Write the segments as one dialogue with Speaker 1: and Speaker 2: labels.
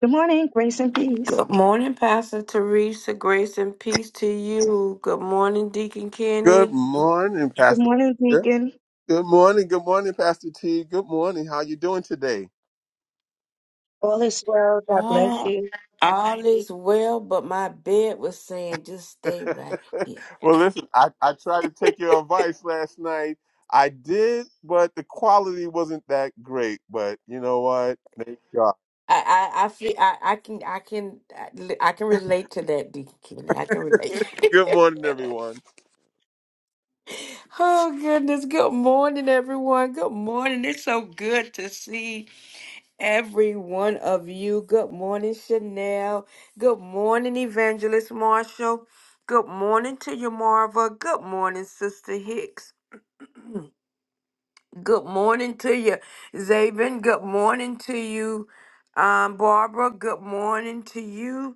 Speaker 1: Good morning, grace and peace.
Speaker 2: Good morning, Pastor Teresa. Grace and peace to you. Good morning, Deacon
Speaker 3: Good
Speaker 2: Kenny.
Speaker 3: morning,
Speaker 1: Good
Speaker 3: Pastor.
Speaker 1: morning,
Speaker 3: Peter.
Speaker 1: Deacon.
Speaker 3: Good morning. Good morning, Pastor T. Good morning. How you doing today?
Speaker 1: All is well. God bless
Speaker 2: Ah,
Speaker 1: you.
Speaker 2: all is well, but my bed was saying just stay right here.
Speaker 3: well, listen, I, I tried to take your advice last night. I did, but the quality wasn't that great. But you know what? Thank God.
Speaker 2: I, I, I feel I, I can I can I can relate to that, Deacon Kenny. I can relate.
Speaker 3: Good morning, everyone.
Speaker 2: oh goodness. Good morning, everyone. Good morning. It's so good to see every one of you. Good morning, Chanel. Good morning, Evangelist Marshall. Good morning to you, Marva. Good morning, Sister Hicks. Good morning to you, Zabin. Good morning to you, um, Barbara. Good morning to you,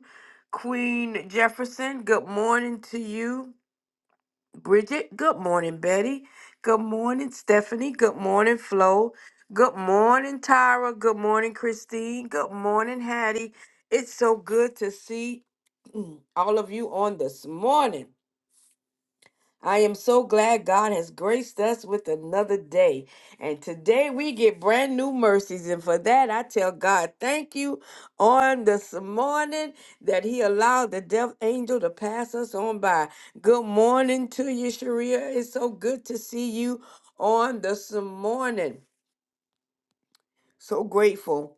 Speaker 2: Queen Jefferson. Good morning to you. Bridget, good morning, Betty. Good morning, Stephanie. Good morning, Flo. Good morning, Tyra. Good morning, Christine. Good morning, Hattie. It's so good to see all of you on this morning. I am so glad God has graced us with another day. And today we get brand new mercies. And for that, I tell God, thank you on this morning that He allowed the death angel to pass us on by. Good morning to you, Sharia. It's so good to see you on this morning. So grateful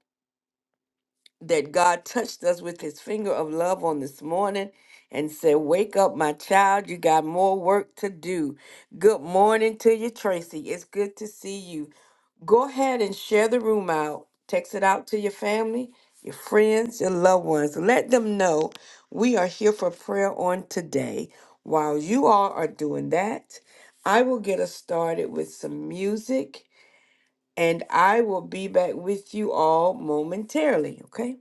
Speaker 2: that God touched us with his finger of love on this morning and said, Wake up, my child. You got more work to do. Good morning to you, Tracy. It's good to see you. Go ahead and share the room out. Text it out to your family, your friends, your loved ones. Let them know we are here for prayer on today. While you all are doing that, I will get us started with some music and I will be back with you all momentarily, okay?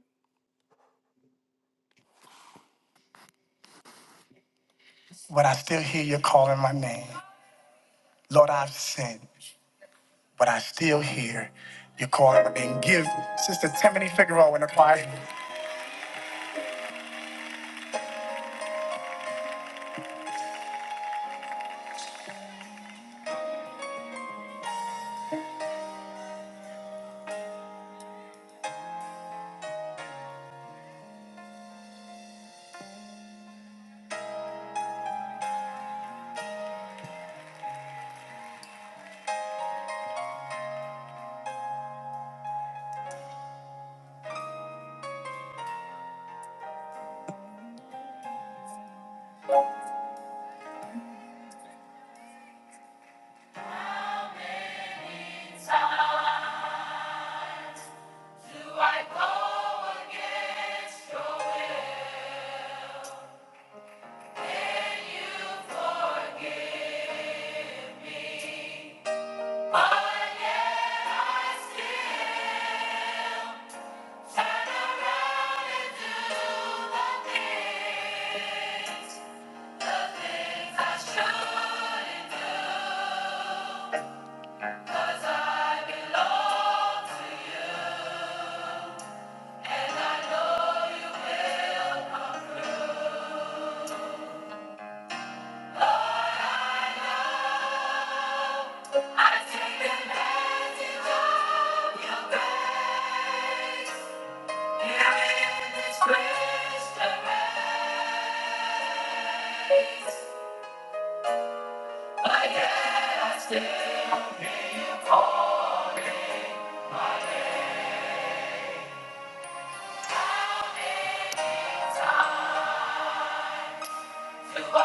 Speaker 2: but I still hear you calling my name. Lord, I've sinned, but I still hear you calling my name. Give Sister Tiffany Figueroa in the choir. I Yet I still. Stay for the time. Thank you.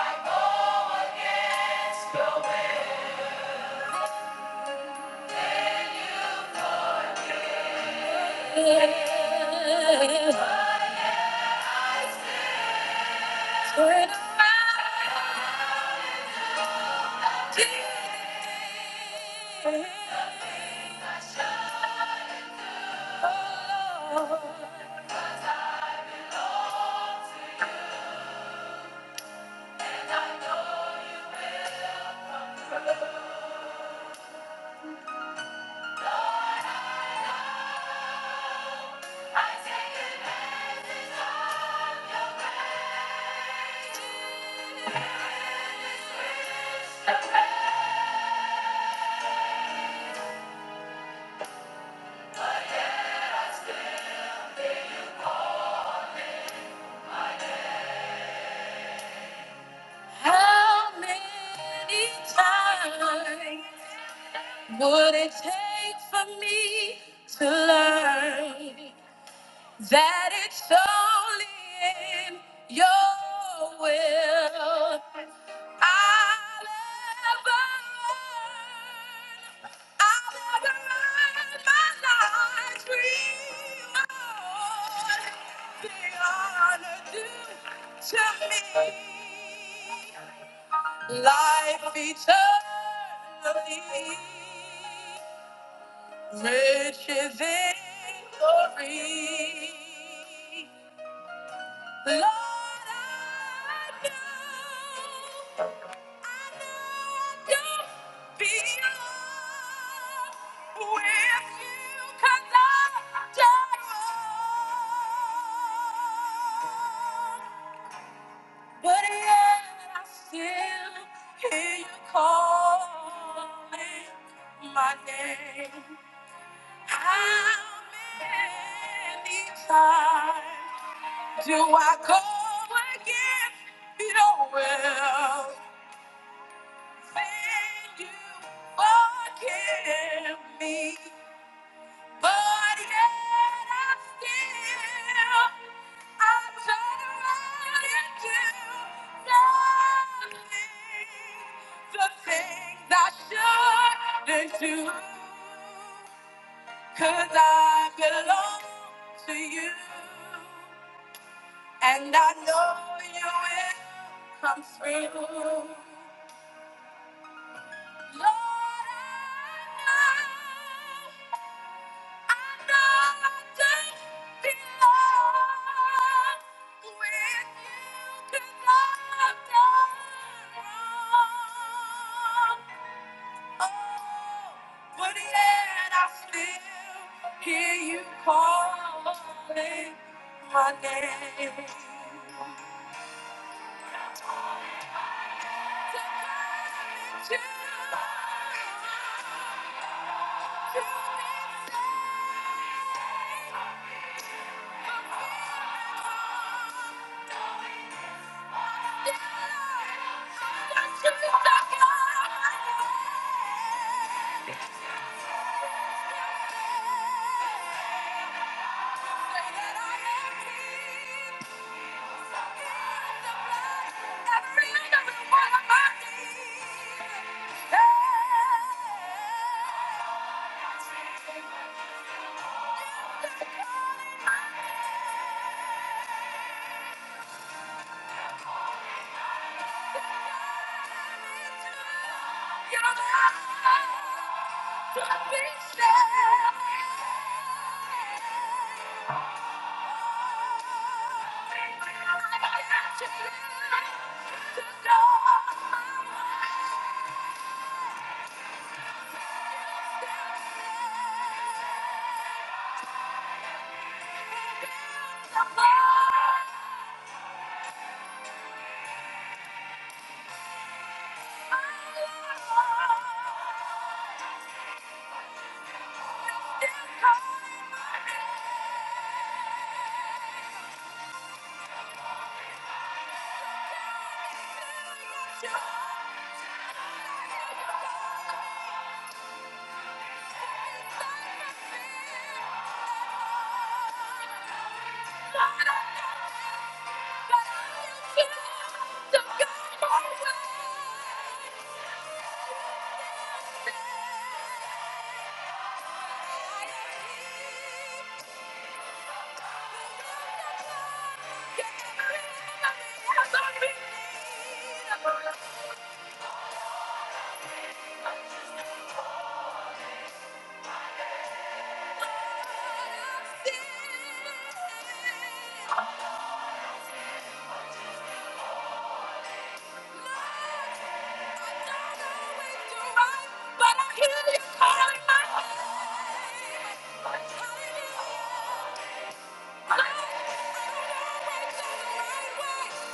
Speaker 2: How many times would it take for me to learn? that it's only in your will. I'll ever learn, I'll ever learn my life's reward. The honor due to me, life eternally, riches in glory. Lord, I know, I know I don't belong with you 'cause I don't wrong. But yet I still hear you calling my name. How many times? Do I call again? You know, well, thank you forgive me. But yet I'm still, I turn around and do nothing. The things I shouldn't do, cause I belong to you. And I know you will come through. Lord, I know, I know I don't belong with you 'cause I've done wrong. Oh, but yet I still hear you calling my name. To trust in you, to be strong, to feel at home. I'm just too stuck on you. Still there to say that I am free. Yeah.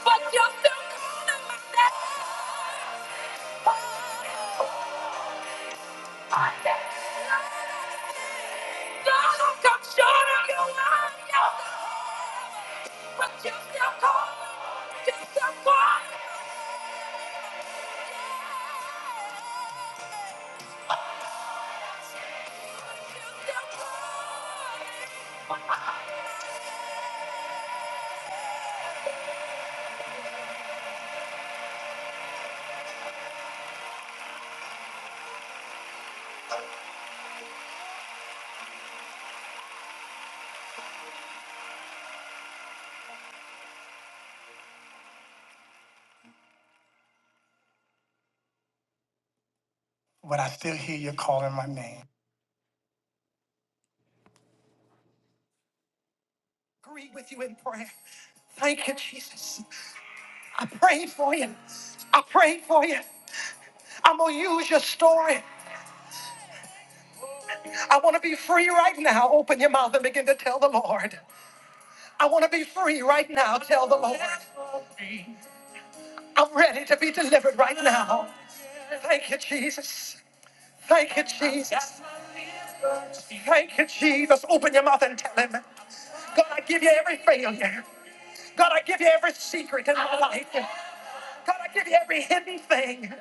Speaker 2: But you're still calling my name. Don't come short of your line, but you still call, you still call. But I still hear you calling my name. Agree with you in prayer. Thank you, Jesus. I prayed for you. I prayed for you. I'm going to use your story. I want to be free right now. Open your mouth and begin to tell the Lord. I want to be free right now. Tell the Lord. I'm ready to be delivered right now. Thank you, Jesus. Thank you, Jesus. Thank you, Jesus. Open your mouth and tell him. God, I give you every failure. God, I give you every secret and all your God, I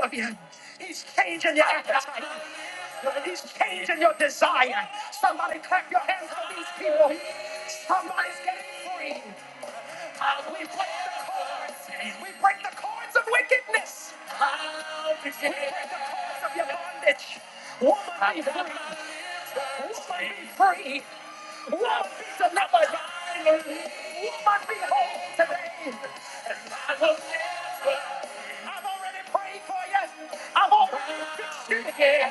Speaker 2: love you. He's satisfied. He's changing your desire. Somebody clap your hands for these people. Somebody's getting free. Uh, we break the cords. We break the cords of wickedness. We break the cords of your bondage. Woman, be free. Woman, be free. Woman, be delivered. Woman, be whole today. I will never. I've already prayed for you. I've already. I'll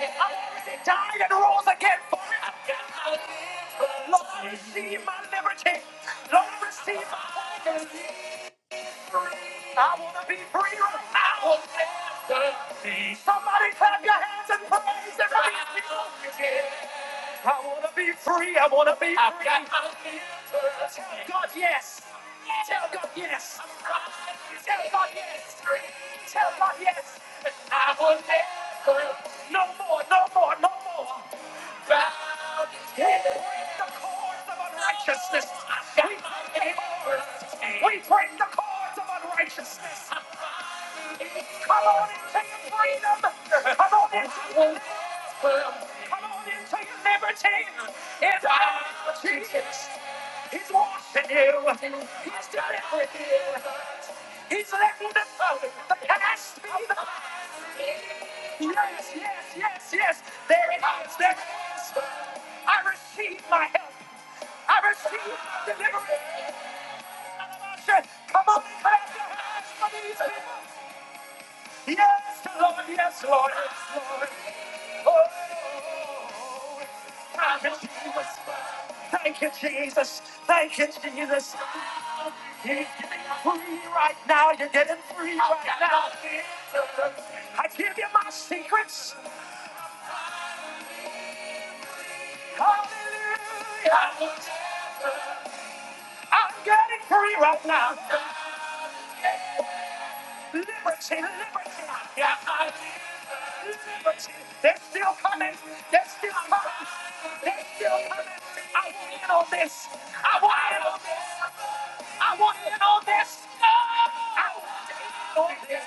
Speaker 2: never. Is there any people? I've got my filters. God, yes. Tell God yes. Tell God yes. Tell God yes. And I will never. No more, no more, no more. Bow down. The cords of unrighteousness. We break the cords. We break the cords of unrighteousness. Come on into your freedom. Come on into your Come on into your liberty. In the name of Jesus. He's washing you. He's done it with you. Yes, yes, yes, yes. There it is. There it is. I read my help. I read my deliverance. Come on, clap your hands for Jesus. Yes. Oh, thank you, Jesus. Thank you, Jesus. Thank you, Jesus. He's getting free right now. You're getting free right now. I give you my secrets. Hallelujah. I'm getting free right now. Liberty, liberty. Yeah, I liberty. They may, they, they still coming. I want in on this. I want in on this. I want in on this. I want in on this.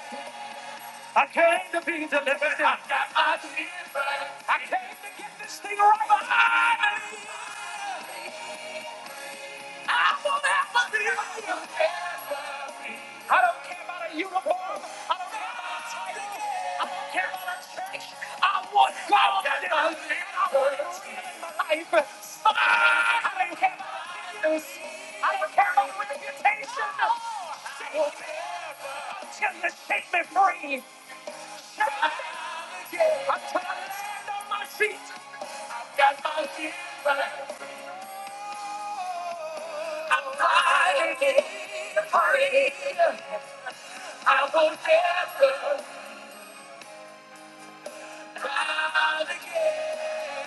Speaker 2: I came to be delivered. I got my deliverance. I came to get this thing right behind me. I will never be alone. I don't care about a uniform. I don't care about a title. I don't care about a church. I want God. to do it. I want Him in my life. I don't care about this. I don't care about reputation. Shake me Until you shake me free. I'm tired on my feet. I've got my feet back. I'm tired again. Tired. I won't ever cry again.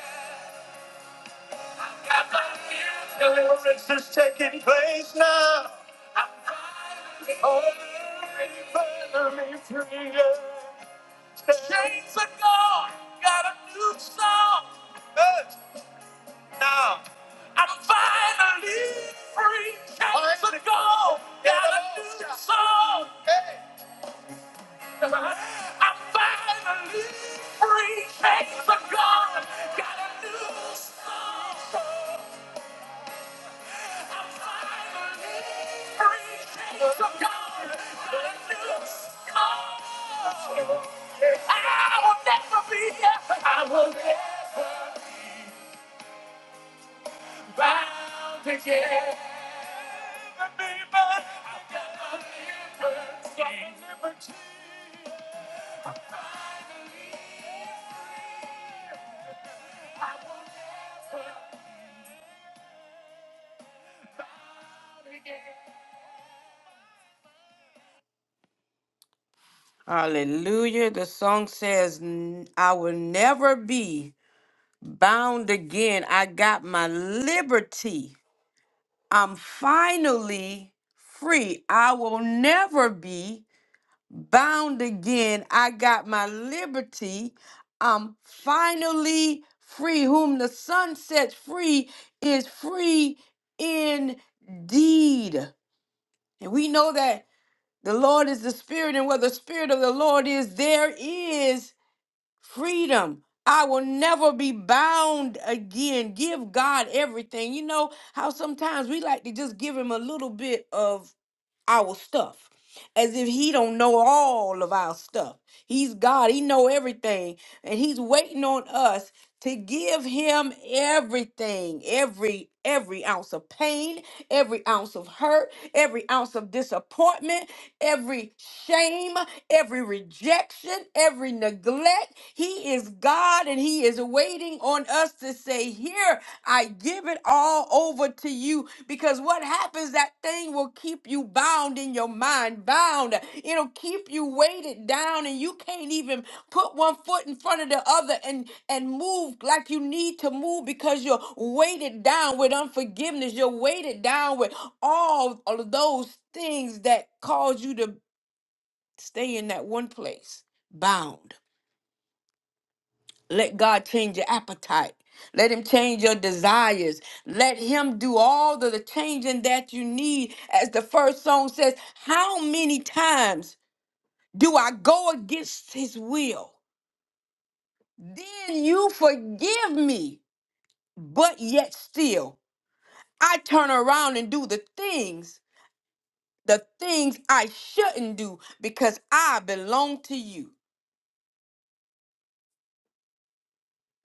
Speaker 2: I've got my feet back. deliverance is taking place. I'm finally over. Finally free. Chains are gone. Got a new song. Now I'm finally free. Chains are gone. Got a new song. I'm finally free. Chains are gone. Got a new song. I'm finally free. Chains are gone. Got a new song. I will never be. I will never. bound together. Hallelujah. The song says, "N- I will never be bound again. I got my liberty. I'm finally free. I will never be bound again. I got my liberty. I'm finally free. Whom the sun sets free is free indeed. And we know that the Lord is the Spirit, and where the Spirit of the Lord is, there is freedom. I will never be bound again. Give God everything. You know how sometimes we like to just give Him a little bit of our stuff as if he don't know all of our stuff he's god he know everything and he's waiting on us to give him everything every every ounce of pain every ounce of hurt every ounce of disappointment every shame every rejection every neglect he is god and he is waiting on us to Say here, I give it all over to you because what happens, that thing will keep you bound in your mind, bound. It'll keep you weighted down, and you can't even put one foot in front of the other and, and move like you need to move because you're weighted down with unforgiveness. You're weighted down with all of those things that cause you to stay in that one place, bound. Let God change your appetite. Let him change your desires. Let him do all of the changing that you need. As the first song says, how many times do I go against his will? Then you forgive me, but yet still I turn around and do the things, the things I shouldn't do because I belong to you.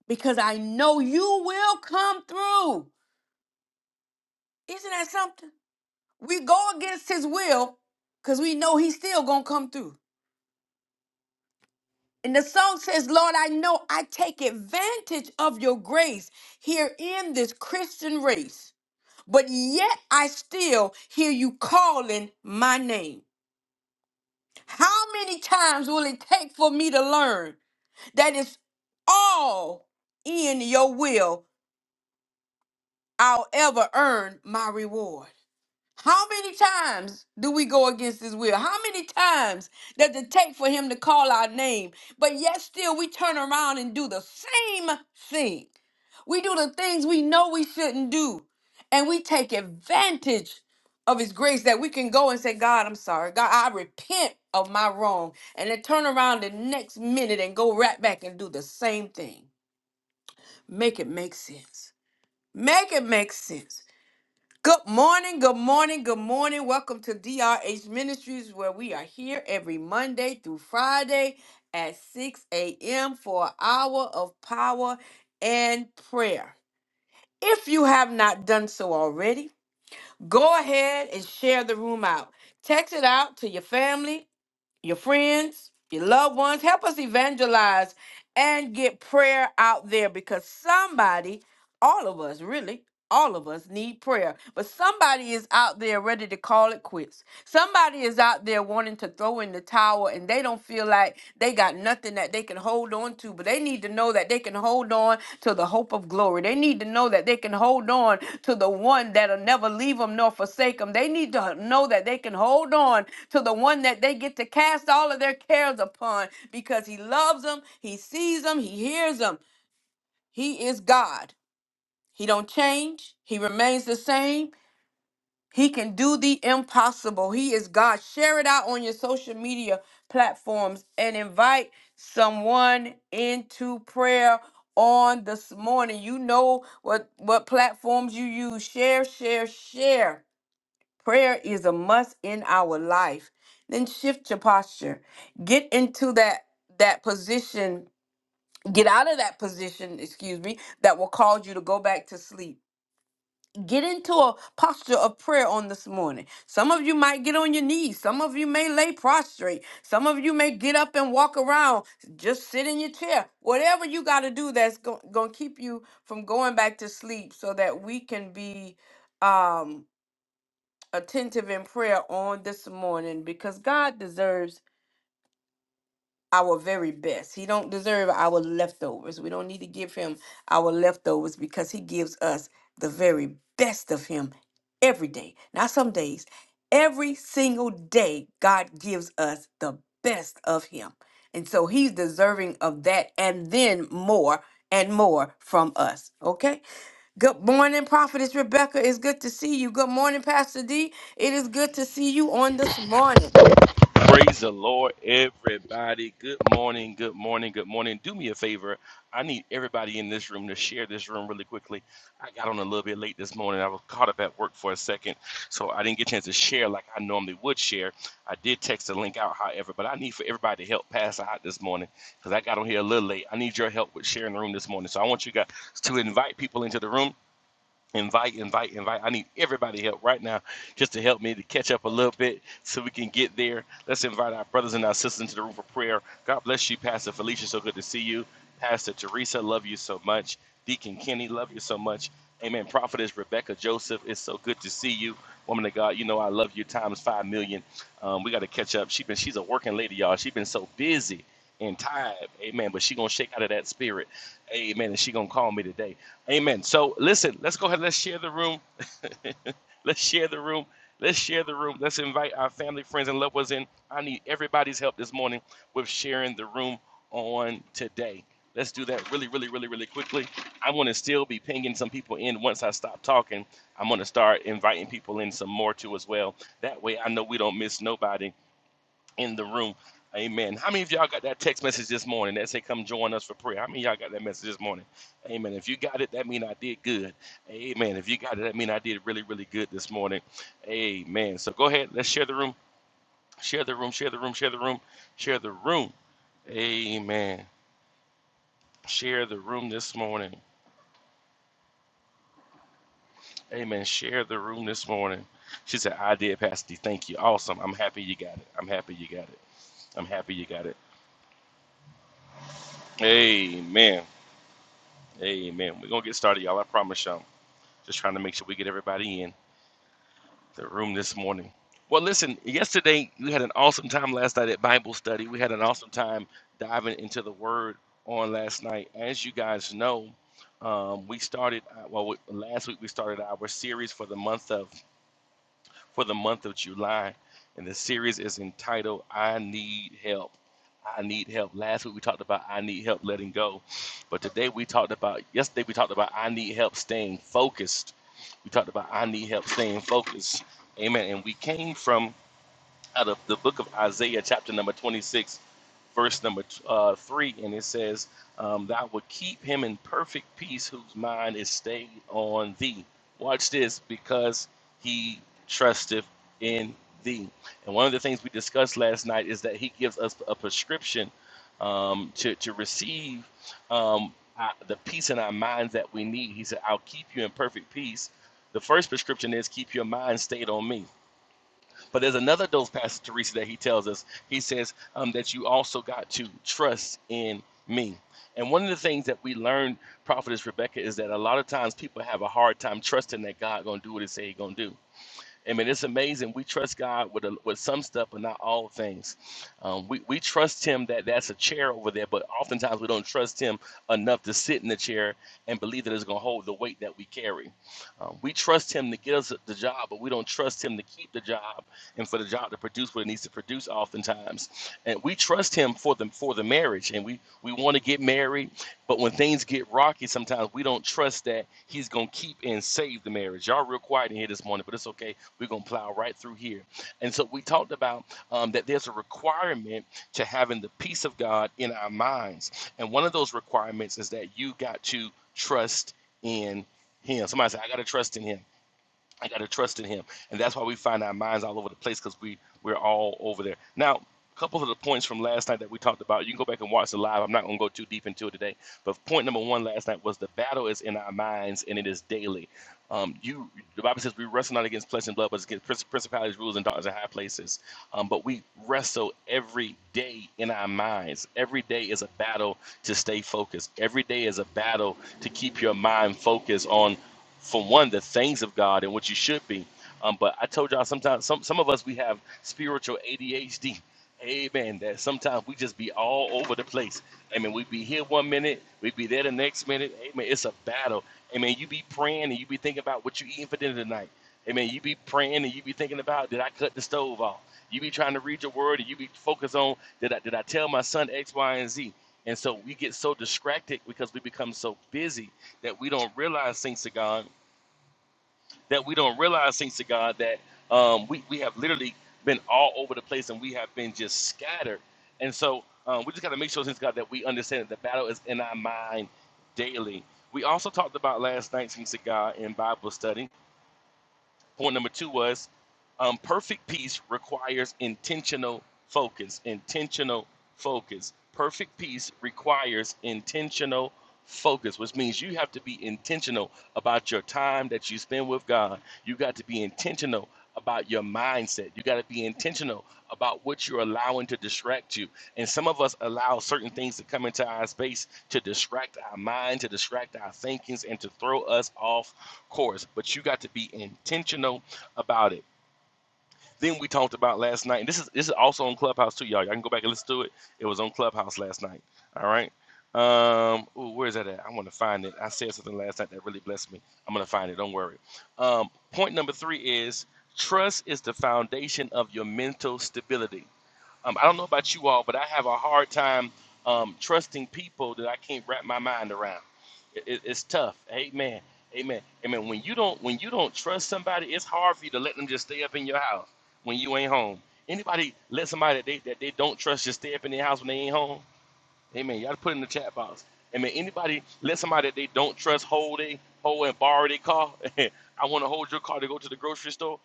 Speaker 2: Because I know you will come through. Isn't that something? We go against his will because we know he's still going to come through. And the song says, Lord, I know I take advantage of your grace here in this Christian race, but yet I still hear you calling my name. How many times will it take for me to learn that it's all in your will? I'll ever earn my reward. How many times do we go against his will? How many times does it take for him to call our name? But yet still we turn around and do the same thing. We do the things we know we shouldn't do. And we take advantage of his grace that we can go and say, God, I'm sorry. God, I repent of my wrong. And then turn around the next minute and go right back and do the same thing. Make it make sense. Make it make sense. Good morning, good morning, good morning. Welcome to DRH Ministries, where we are here every Monday through Friday at 6 a.m. for an hour of power and prayer. If you have not done so already, go ahead and share the room out. Text it out to your family, your friends, your loved ones. Help us evangelize and get prayer out there because somebody, all of us really, all of us need prayer, but somebody is out there ready to call it quits. Somebody is out there wanting to throw in the towel and they don't feel like they got nothing that they can hold on to, but they need to know that they can hold on to the hope of glory. They need to know that they can hold on to the one that'll never leave them nor forsake them. They need to know that they can hold on to the one that they get to cast all of their cares upon because he loves them, he sees them, he hears them. He is God. He don't change. He remains the same. He can do the impossible. He is God. Share it out on your social media platforms and invite someone into prayer on this morning. You know what what platforms you use. Share, share, share. Prayer is a must in our life. Then shift your posture. Get into that that position. Get out of that position, excuse me, that will cause you to go back to sleep Get into a posture of prayer on this morning. Some of you might get on your knees. Some of you may lay prostrate. Some of you may get up and walk around. Just sit in your chair. Whatever you got to do that's going to keep you from going back to sleep so that we can be um, attentive in prayer on this morning because God deserves our very best. He don't deserve our leftovers. We don't need to give him our leftovers because he gives us the very best of him every day. Not some days. Every single day God gives us the best of him. And so he's deserving of that and then more and more from us. Okay? Good morning, Prophetess Rebecca. It's good to see you. Good morning, Pastor D. It is good to see you on this morning.
Speaker 4: Praise the Lord, everybody. Good morning, good morning, good morning. Do me a favor. I need everybody in this room to share this room really quickly. I got on a little bit late this morning. I was caught up at work for a second, so I didn't get a chance to share like I normally would share. I did text the link out, however, but I need for everybody to help pass out this morning because I got on here a little late. I need your help with sharing the room this morning. So I want you guys to invite people into the room. Invite, invite, invite. I need everybody help right now just to help me to catch up a little bit so we can get there. Let's invite our brothers and our sisters into the room for prayer. God bless you, Pastor Felicia. So good to see you. Pastor Teresa, love you so much. Deacon Kenny, love you so much. Amen. Prophetess Rebecca Joseph, it's so good to see you. Woman of God, you know I love you times five million. Um, we got to catch up. She been, she's a working lady, y'all. She's been so busy and tired. Amen. But she going to shake out of that spirit. Amen. And she going to call me today. Amen. So listen, let's go ahead. Let's share the room. let's share the room. Let's share the room. Let's invite our family, friends, and loved ones in. I need everybody's help this morning with sharing the room on today. Let's do that really, really, really, really quickly. I'm going to still be pinging some people in once I stop talking. I'm going to start inviting people in some more too as well. That way I know we don't miss nobody in the room. Amen. How many of y'all got that text message this morning that say, Come join us for prayer? How many of y'all got that message this morning? Amen. If you got it, that mean I did good. Amen. If you got it, that mean I did really, really good this morning. Amen. So go ahead. Let's share the room. Share the room. Share the room. Share the room. Share the room. Amen. Share the room this morning. Amen. Share the room this morning. She said, I did, Pastor D. Thank you. Awesome. I'm happy you got it. I'm happy you got it. I'm happy you got it. Amen. Amen. We're gonna get started, y'all. I promise y'all. Just trying to make sure we get everybody in the room this morning. Well, listen, yesterday we had an awesome time last night at Bible study. We had an awesome time diving into the word on last night. As you guys know, um, we started, uh, well, we, last week we started our series for the month of for the month of July. And the series is entitled I Need Help. I Need Help. Last week we talked about I Need Help Letting Go. But today we talked about, yesterday we talked about I Need Help Staying Focused. We talked about I Need Help Staying Focused. Amen. And we came from out of the book of Isaiah, chapter number 26, verse number uh, 3, and it says, um, Thou will keep him in perfect peace whose mind is stayed on thee. Watch this, because he trusteth in thee. And one of the things we discussed last night is that he gives us a prescription um, to, to receive um, uh, the peace in our minds that we need. He said, I'll keep you in perfect peace. The first prescription is keep your mind stayed on me but there's another of those passages, Teresa, that he tells us. He says um, that you also got to trust in me. And one of the things that we learned, Prophetess Rebecca, is that a lot of times people have a hard time trusting that God gonna do what He say He gonna do. I mean, it's amazing. We trust God with a, with some stuff, but not all things. Um, we we trust Him that that's a chair over there, but oftentimes we don't trust Him enough to sit in the chair and believe that it's going to hold the weight that we carry. Um, we trust Him to get us the job, but we don't trust Him to keep the job and for the job to produce what it needs to produce. Oftentimes, and we trust Him for the for the marriage, and we we want to get married, but when things get rocky, sometimes we don't trust that He's going to keep and save the marriage. Y'all real quiet in here this morning, but it's okay we're going to plow right through here. And so we talked about um, that there's a requirement to having the peace of God in our minds. And one of those requirements is that you got to trust in Him. Somebody said, I got to trust in Him. I got to trust in Him, and that's why we find our minds all over the place because we we're all over there. Now, a couple of the points from last night that we talked about, you can go back and watch the live. I'm not going to go too deep into it today, but point number one last night was the battle is in our minds and it is daily. Um, you, the Bible says we wrestle not against flesh and blood, but against princ- principalities, rulers, and darkness in high places. Um, but we wrestle every day in our minds. Every day is a battle to stay focused. Every day is a battle to keep your mind focused on for one the things of God and what you should be. Um, but I told y'all sometimes some some of us we have spiritual ADHD. Amen. That sometimes we just be all over the place. Amen. We be here one minute, we be there the next minute. Amen. It's a battle. Amen. You be praying and you be thinking about what you eating for dinner tonight. Amen. You be praying and you be thinking about did I cut the stove off? You be trying to read your word and you be focused on did I did I tell my son X, Y, and Z? And so we get so distracted because we become so busy that we don't realize thanks to God, that we don't realize thanks to God, that um, we, we have literally been all over the place and we have been just scattered. And so um, we just got to make sure, thanks to God, that we understand that the battle is in our mind daily. We also talked about last night, thanks to God, in Bible study Point number two was um, perfect peace requires intentional focus. Intentional focus. Perfect peace requires intentional focus, which means you have to be intentional about your time that you spend with God. You got to be intentional about your mindset. You got to be intentional about what you're allowing to distract you. And some of us allow certain things to come into our space to distract our mind, to distract our thinkings, and to throw us off course, but you got to be intentional about it. Then we talked about last night, and this is this is also on Clubhouse too, y'all. Y'all can go back and listen to it. It was on Clubhouse last night. All right. Um, ooh, where is that at? I want to find it. I said something last night that really blessed me. I'm gonna find it. Don't worry. Um, point number three is trust is the foundation of your mental stability. Um, I don't know about you all, but I have a hard time um, trusting people that I can't wrap my mind around. It, it- it's tough. Amen. Amen. Amen. When you don't when you don't trust somebody, it's hard for you to let them just stay up in your house when you ain't home. Anybody let somebody that they, that they don't trust just stay up in their house when they ain't home? Amen. Y'all put it in the chat box. Amen. Anybody let somebody that they don't trust hold they hold and borrow their car? I want to hold your car to go to the grocery store.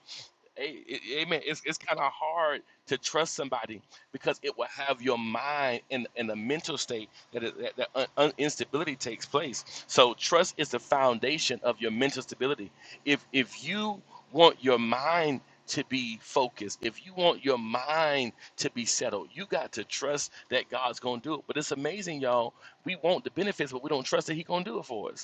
Speaker 4: A- a- Amen. It's, it's kind of hard to trust somebody because it will have your mind in, in a mental state that, is, that, that un, un- instability takes place. So trust is the foundation of your mental stability. If if you want your mind to be focused, if you want your mind to be settled, you got to trust that God's gonna do it. But it's amazing, y'all. We want the benefits, but we don't trust that He's gonna do it for us.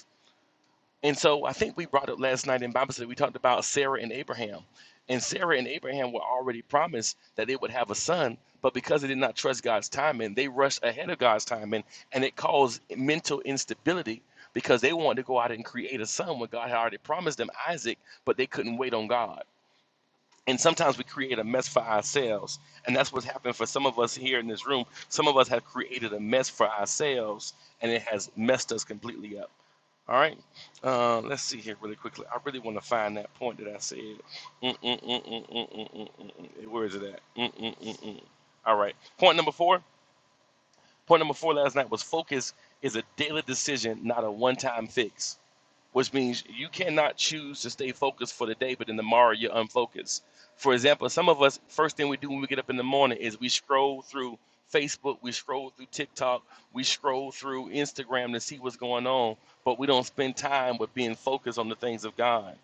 Speaker 4: And so I think we brought up last night in Bible study, we talked about Sarah and Abraham. And Sarah and Abraham were already promised that they would have a son, but because they did not trust God's timing, they rushed ahead of God's timing, and it caused mental instability because they wanted to go out and create a son when God had already promised them Isaac, but they couldn't wait on God. And sometimes we create a mess for ourselves. And that's what's happened for some of us here in this room. Some of us have created a mess for ourselves, and it has messed us completely up. All right. Uh, let's see here really quickly. I really want to find that point that I said. Mm, mm, mm, mm, mm, mm, mm, mm, mm. mm. Hey, Where is it at? Mm, mm, mm, mm. mm. All right. Point number four. Point number four last night was focus is a daily decision, not a one-time fix which means you cannot choose to stay focused for the day, but then tomorrow you're unfocused. For example, some of us, first thing we do when we get up in the morning is we scroll through Facebook, we scroll through TikTok, we scroll through Instagram to see what's going on, but we don't spend time with being focused on the things of God.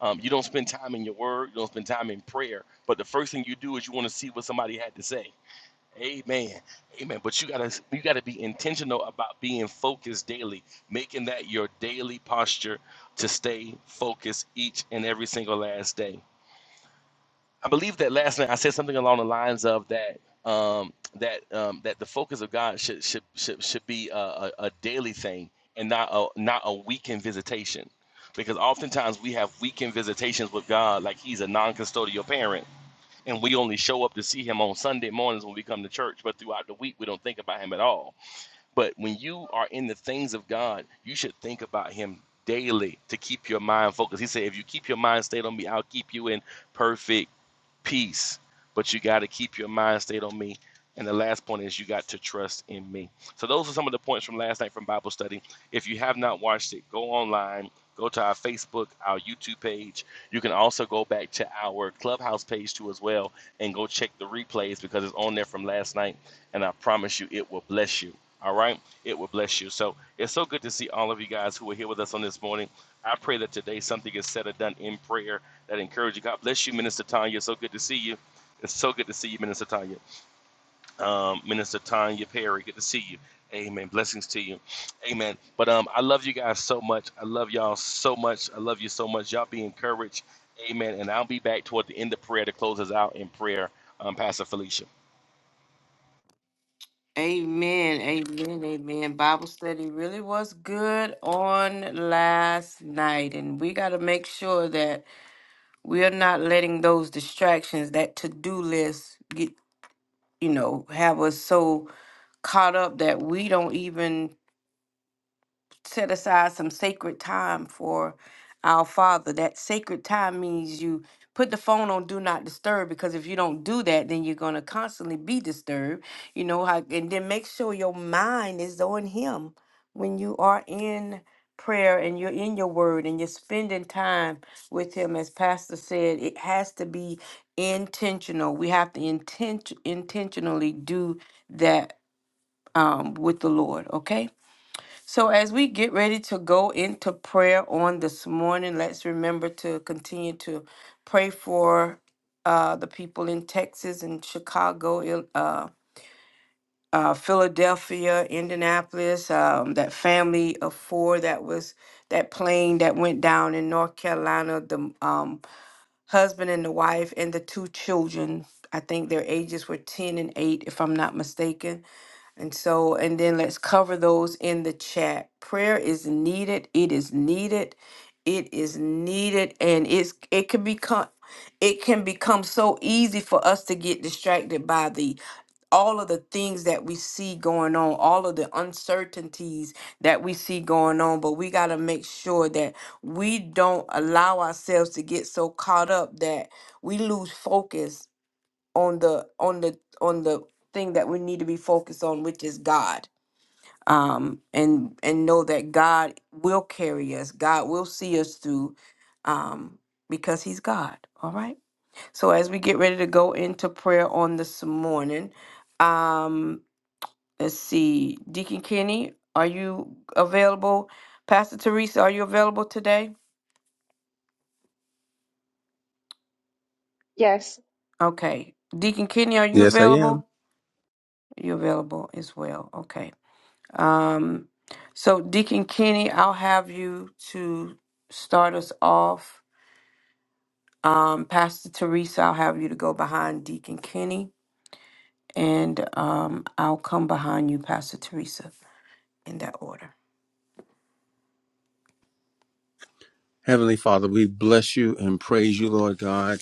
Speaker 4: Um, you don't spend time in your word, you don't spend time in prayer, but the first thing you do is you want to see what somebody had to say. Amen. Amen. But you gotta you gotta be intentional about being focused daily, making that your daily posture to stay focused each and every single last day. I believe that last night I said something along the lines of that um, that um, that the focus of God should should should, should be a, a, a daily thing and not a not a weekend visitation. Because oftentimes we have weekend visitations with God, like He's a non-custodial parent and we only show up to see him on Sunday mornings when we come to church, but throughout the week we don't think about him at all. But when you are in the things of God, you should think about him daily to keep your mind focused. He said, If you keep your mind stayed on me, I'll keep you in perfect peace. But you got to keep your mind stayed on me. And the last point is you got to trust in me. So those are some of the points from last night from Bible study. If you have not watched it, go online, go to our Facebook, our YouTube page. You can also go back to our Clubhouse page too as well and go check the replays because it's on there from last night. And I promise you, it will bless you. All right, it will bless you. So it's so good to see all of you guys who are here with us on this morning. I pray that today something is said or done in prayer that encourages you. God bless you, Minister Tanya. So good to see you. It's so good to see you, Minister Tanya. Um, Minister Tanya Perry, good to see you. Amen. Blessings to you. Amen. But um, I love you guys so much. I love y'all so much. I love you so much. Y'all be encouraged. Amen. And I'll be back toward the end of prayer to close us out in prayer, um, Pastor Felicia.
Speaker 2: Amen, amen, amen. Bible study really was good on last night, and we got to make sure that we are not letting those distractions, that to do list, get you know, have us so caught up that we don't even set aside some sacred time for our father that sacred time means you put the phone on do not disturb because if you don't do that then you're going to constantly be disturbed you know how and then make sure your mind is on him when you are in prayer and you're in your word and you're spending time with him as pastor said it has to be intentional we have to intent intentionally do that um, with the lord okay so, as we get ready to go into prayer on this morning, let's remember to continue to pray for uh, the people in Texas and Chicago, Il- uh, uh, Philadelphia, Indianapolis, um, that family of four that was that plane that went down in North Carolina, the um, husband and the wife, and the two children. I think their ages were 10 and 8, if I'm not mistaken and so, and then let's cover those in the chat. Prayer is needed. It is needed. It is needed, and it's it can become it can become so easy for us to get distracted by the all of the things that we see going on, all of the uncertainties that we see going on. But we got to make sure that we don't allow ourselves to get so caught up that we lose focus on the on the on the thing that we need to be focused on which is god um and and know that god will carry us god will see us through um because he's god all right so as we get ready to go into prayer on this morning um let's see deacon kenny are you available pastor teresa are you available today
Speaker 1: Yes.
Speaker 2: okay deacon kenny are you
Speaker 3: Yes, I am.
Speaker 2: available you are available as well okay Um, so, Deacon Kenny, I'll have you to start us off. Um, Pastor Teresa, I'll have you to go behind Deacon Kenny, and um, I'll come behind you, Pastor Teresa, in that order.
Speaker 3: Heavenly Father, we bless you and praise you, Lord God.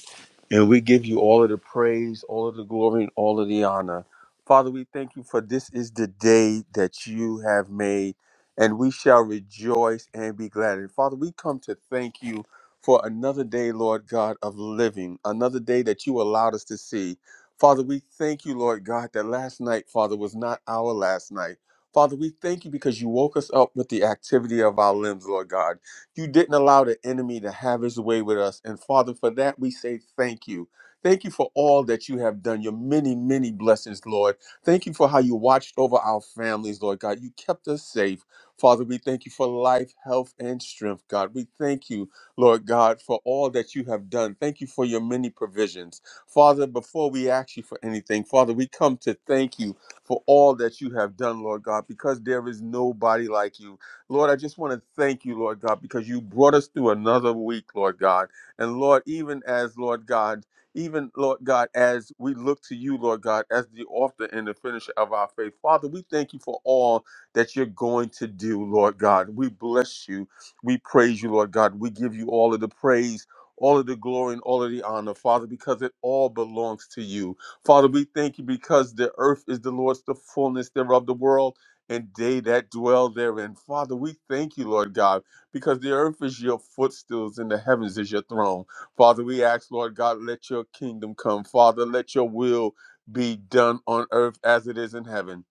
Speaker 3: And we give you all of the praise, all of the glory, and all of the honor. Father, we thank you for this is the day that you have made, and we shall rejoice and be glad. And Father, we come to thank you for another day, Lord God, of living, another day that you allowed us to see. Father, we thank you, Lord God, that last night, Father, was not our last night. Father, we thank you because you woke us up with the activity of our limbs, Lord God. You didn't allow the enemy to have his way with us. And Father, for that we say thank you. Thank you for all that you have done, your many, many blessings, Lord. Thank you for how you watched over our families, Lord God. You kept us safe. Father, we thank you for life, health, and strength, God. We thank you, Lord God, for all that you have done. Thank you for your many provisions. Father, before we ask you for anything, Father, we come to thank you for all that you have done, Lord God, because there is nobody like you. Lord, I just want to thank you, Lord God, because you brought us through another week, Lord God. And Lord, even as, Lord God, even, Lord God, as we look to you, Lord God, as the author and the finisher of our faith, Father, we thank you for all that you're going to do, Lord God. We bless you. We praise you, Lord God. We give you all of the praise, all of the glory, and all of the honor, Father, because it all belongs to you. Father, we thank you because the earth is the Lord's, the fullness thereof, the world and they that dwell therein. Father, we thank you, Lord God, because the earth is your footstools and the heavens is your throne. Father, we ask, Lord God, let your kingdom come. Father, let your will be done on earth as it is in heaven.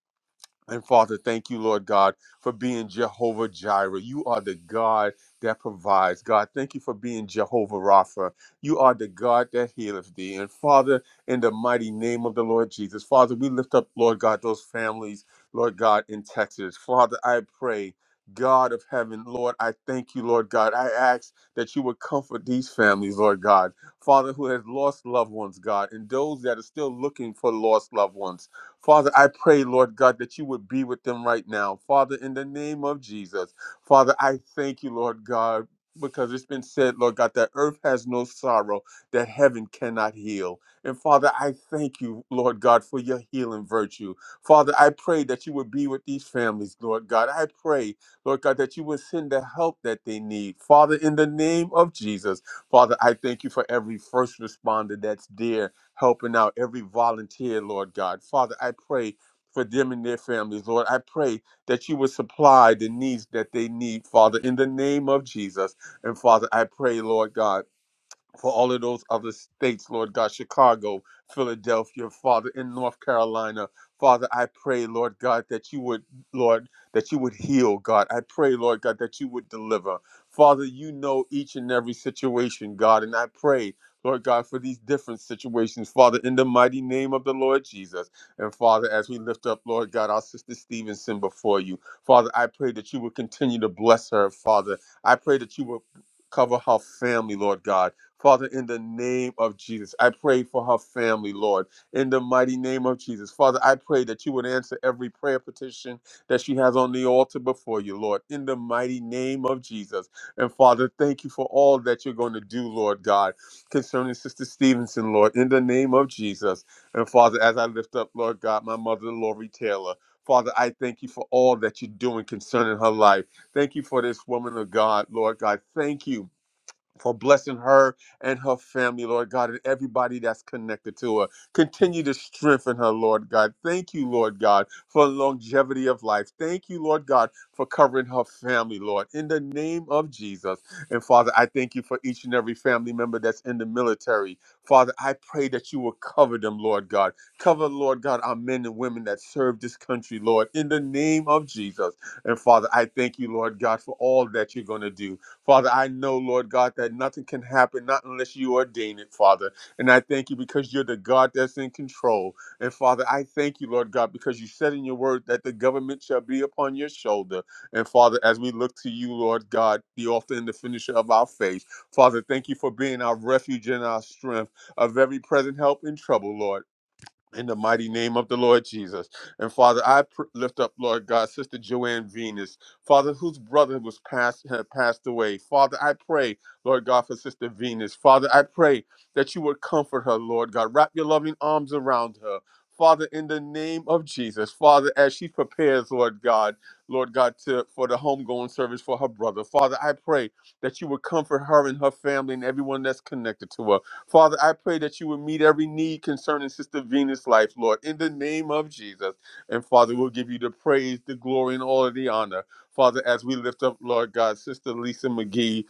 Speaker 3: And Father, thank you, Lord God, for being Jehovah Jireh. You are the God that provides. God, thank you for being Jehovah Rapha. You are the God that healeth thee. And Father, in the mighty name of the Lord Jesus, Father, we lift up, Lord God, those families, Lord God, in Texas. Father, I pray. God of heaven, Lord, I thank you, Lord God. I ask that you would comfort these families, Lord God. Father, who has lost loved ones, God, and those that are still looking for lost loved ones. Father, I pray, Lord God, that you would be with them right now. Father, in the name of Jesus. Father, I thank you, Lord God, because it's been said, Lord God, that earth has no sorrow, that heaven cannot heal. And Father, I thank you, Lord God, for your healing virtue. Father, I pray that you would be with these families, Lord God. I pray, Lord God, that you would send the help that they need. Father, in the name of Jesus, Father, I thank you for every first responder that's there helping out every volunteer, Lord God. Father, I pray for them and their families, Lord. I pray that you would supply the needs that they need, Father, in the name of Jesus. And Father, I pray, Lord God for all of those other states, Lord God, Chicago, Philadelphia, Father, in North Carolina. Father, I pray, Lord God, that you would, Lord, that you would heal, God. I pray, Lord God, that you would deliver. Father, you know each and every situation, God, and I pray. Lord God, for these different situations, Father, in the mighty name of the Lord Jesus. And Father, as we lift up, Lord God, our sister Stevenson before you, Father, I pray that you would continue to bless her, Father. I pray that you would cover her family, Lord God. Father, in the name of Jesus, I pray for her family, Lord, in the mighty name of Jesus. Father, I pray that you would answer every prayer petition that she has on the altar before you, Lord, in the mighty name of Jesus. And Father, thank you for all that you're going to do, Lord God, concerning Sister Stevenson, Lord, in the name of Jesus. And Father, as I lift up, Lord God, my mother, Lori Taylor, Father, I thank you for all that you're doing concerning her life. Thank you for this woman of God, Lord God. Thank you for blessing her and her family, Lord God, and everybody that's connected to her. Continue to strengthen her, Lord God. Thank you, Lord God, for longevity of life. Thank you, Lord God, for covering her family, Lord, in the name of Jesus. And Father, I thank you for each and every family member that's in the military. Father, I pray that you will cover them, Lord God. Cover, Lord God, our men and women that serve this country, Lord, in the name of Jesus. And Father, I thank you, Lord God, for all that you're going to do. Father, I know, Lord God, that nothing can happen not unless you ordain it, Father. And I thank you because you're the God that's in control. And Father, I thank you, Lord God, because you said in your word that the government shall be upon your shoulder. And Father, as we look to you, Lord God, the author and the finisher of our faith, Father, thank you for being our refuge and our strength of every present help in trouble, Lord. In the mighty name of the Lord Jesus. And Father, I pr- lift up, Lord God, Sister Joanne Venus, Father, whose brother was passed, had passed away. Father, I pray, Lord God, for Sister Venus. Father, I pray that you would comfort her, Lord God. Wrap your loving arms around her. Father, in the name of Jesus, Father, as she prepares, Lord God, Lord God, to, for the homegoing service for her brother, Father, I pray that you would comfort her and her family and everyone that's connected to her. Father, I pray that you would meet every need concerning Sister Venus' life, Lord, in the name of Jesus. And Father, we'll give you the praise, the glory, and all of the honor. Father, as we lift up, Lord God, Sister Lisa McGee,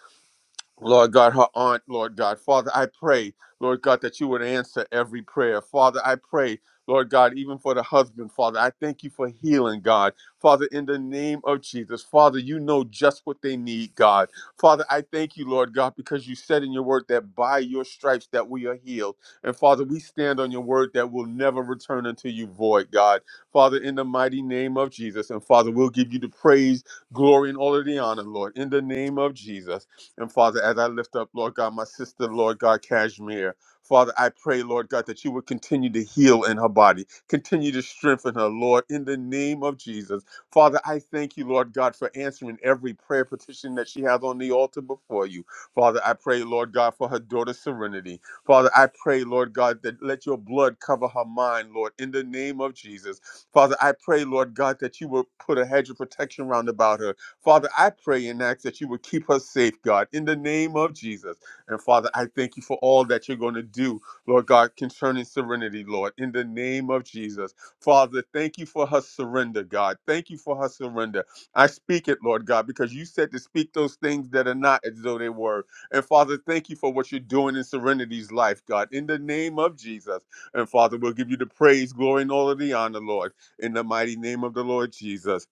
Speaker 3: Lord God, her aunt, Lord God. Father, I pray, Lord God, that you would answer every prayer. Father, I pray, Lord God, even for the husband, Father, I thank you for healing, God. Father, in the name of Jesus, Father, you know just what they need, God. Father, I thank you, Lord God, because you said in your word that by your stripes that we are healed. And Father, we stand on your word that will never return unto you void, God. Father, in the mighty name of Jesus. And Father, we'll give you the praise, glory, and all of the honor, Lord, in the name of Jesus. And Father, as I lift up, Lord God, my sister, Lord God, Kashmir, Father, I pray, Lord God, that you would continue to heal in her body, continue to strengthen her, Lord, in the name of Jesus. Father, I thank you, Lord God, for answering every prayer petition that she has on the altar before you. Father, I pray, Lord God, for her daughter Serenity. Father, I pray, Lord God, that let your blood cover her mind, Lord, in the name of Jesus. Father, I pray, Lord God, that you will put a hedge of protection round about her Father, I pray and ask that you would keep us safe, God, in the name of Jesus. And Father, I thank you for all that you're going to do, Lord God, concerning serenity, Lord, in the name of Jesus. Father, thank you for her surrender, God. Thank you for her surrender. I speak it, Lord God, because you said to speak those things that are not as though they were. And Father, thank you for what you're doing in serenity's life, God, in the name of Jesus. And Father, we'll give you the praise, glory, and all of the honor, Lord, in the mighty name of the Lord Jesus.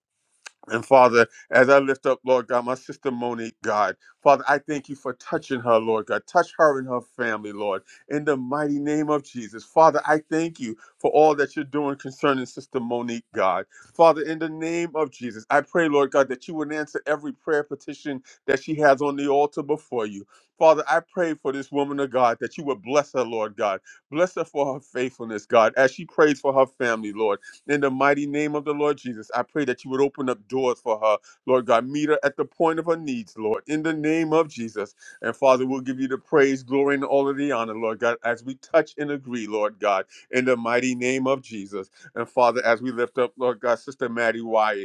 Speaker 3: And Father, as I lift up, Lord God, my sister Monique, God, Father, I thank you for touching her, Lord God. Touch her and her family, Lord, in the mighty name of Jesus. Father, I thank you for all that you're doing concerning Sister Monique, God. Father, in the name of Jesus, I pray, Lord God, that you would answer every prayer petition that she has on the altar before you. Father, I pray for this woman of God that you would bless her, Lord God. Bless her for her faithfulness, God, as she prays for her family, Lord. In the mighty name of the Lord Jesus, I pray that you would open up doors for her. Lord God, meet her at the point of her needs, Lord, in the name of Jesus. And Father, we'll give you the praise, glory, and all of the honor, Lord God, as we touch and agree, Lord God, in the mighty name of Jesus. And Father, as we lift up, Lord God, Sister Maddie Wyatt.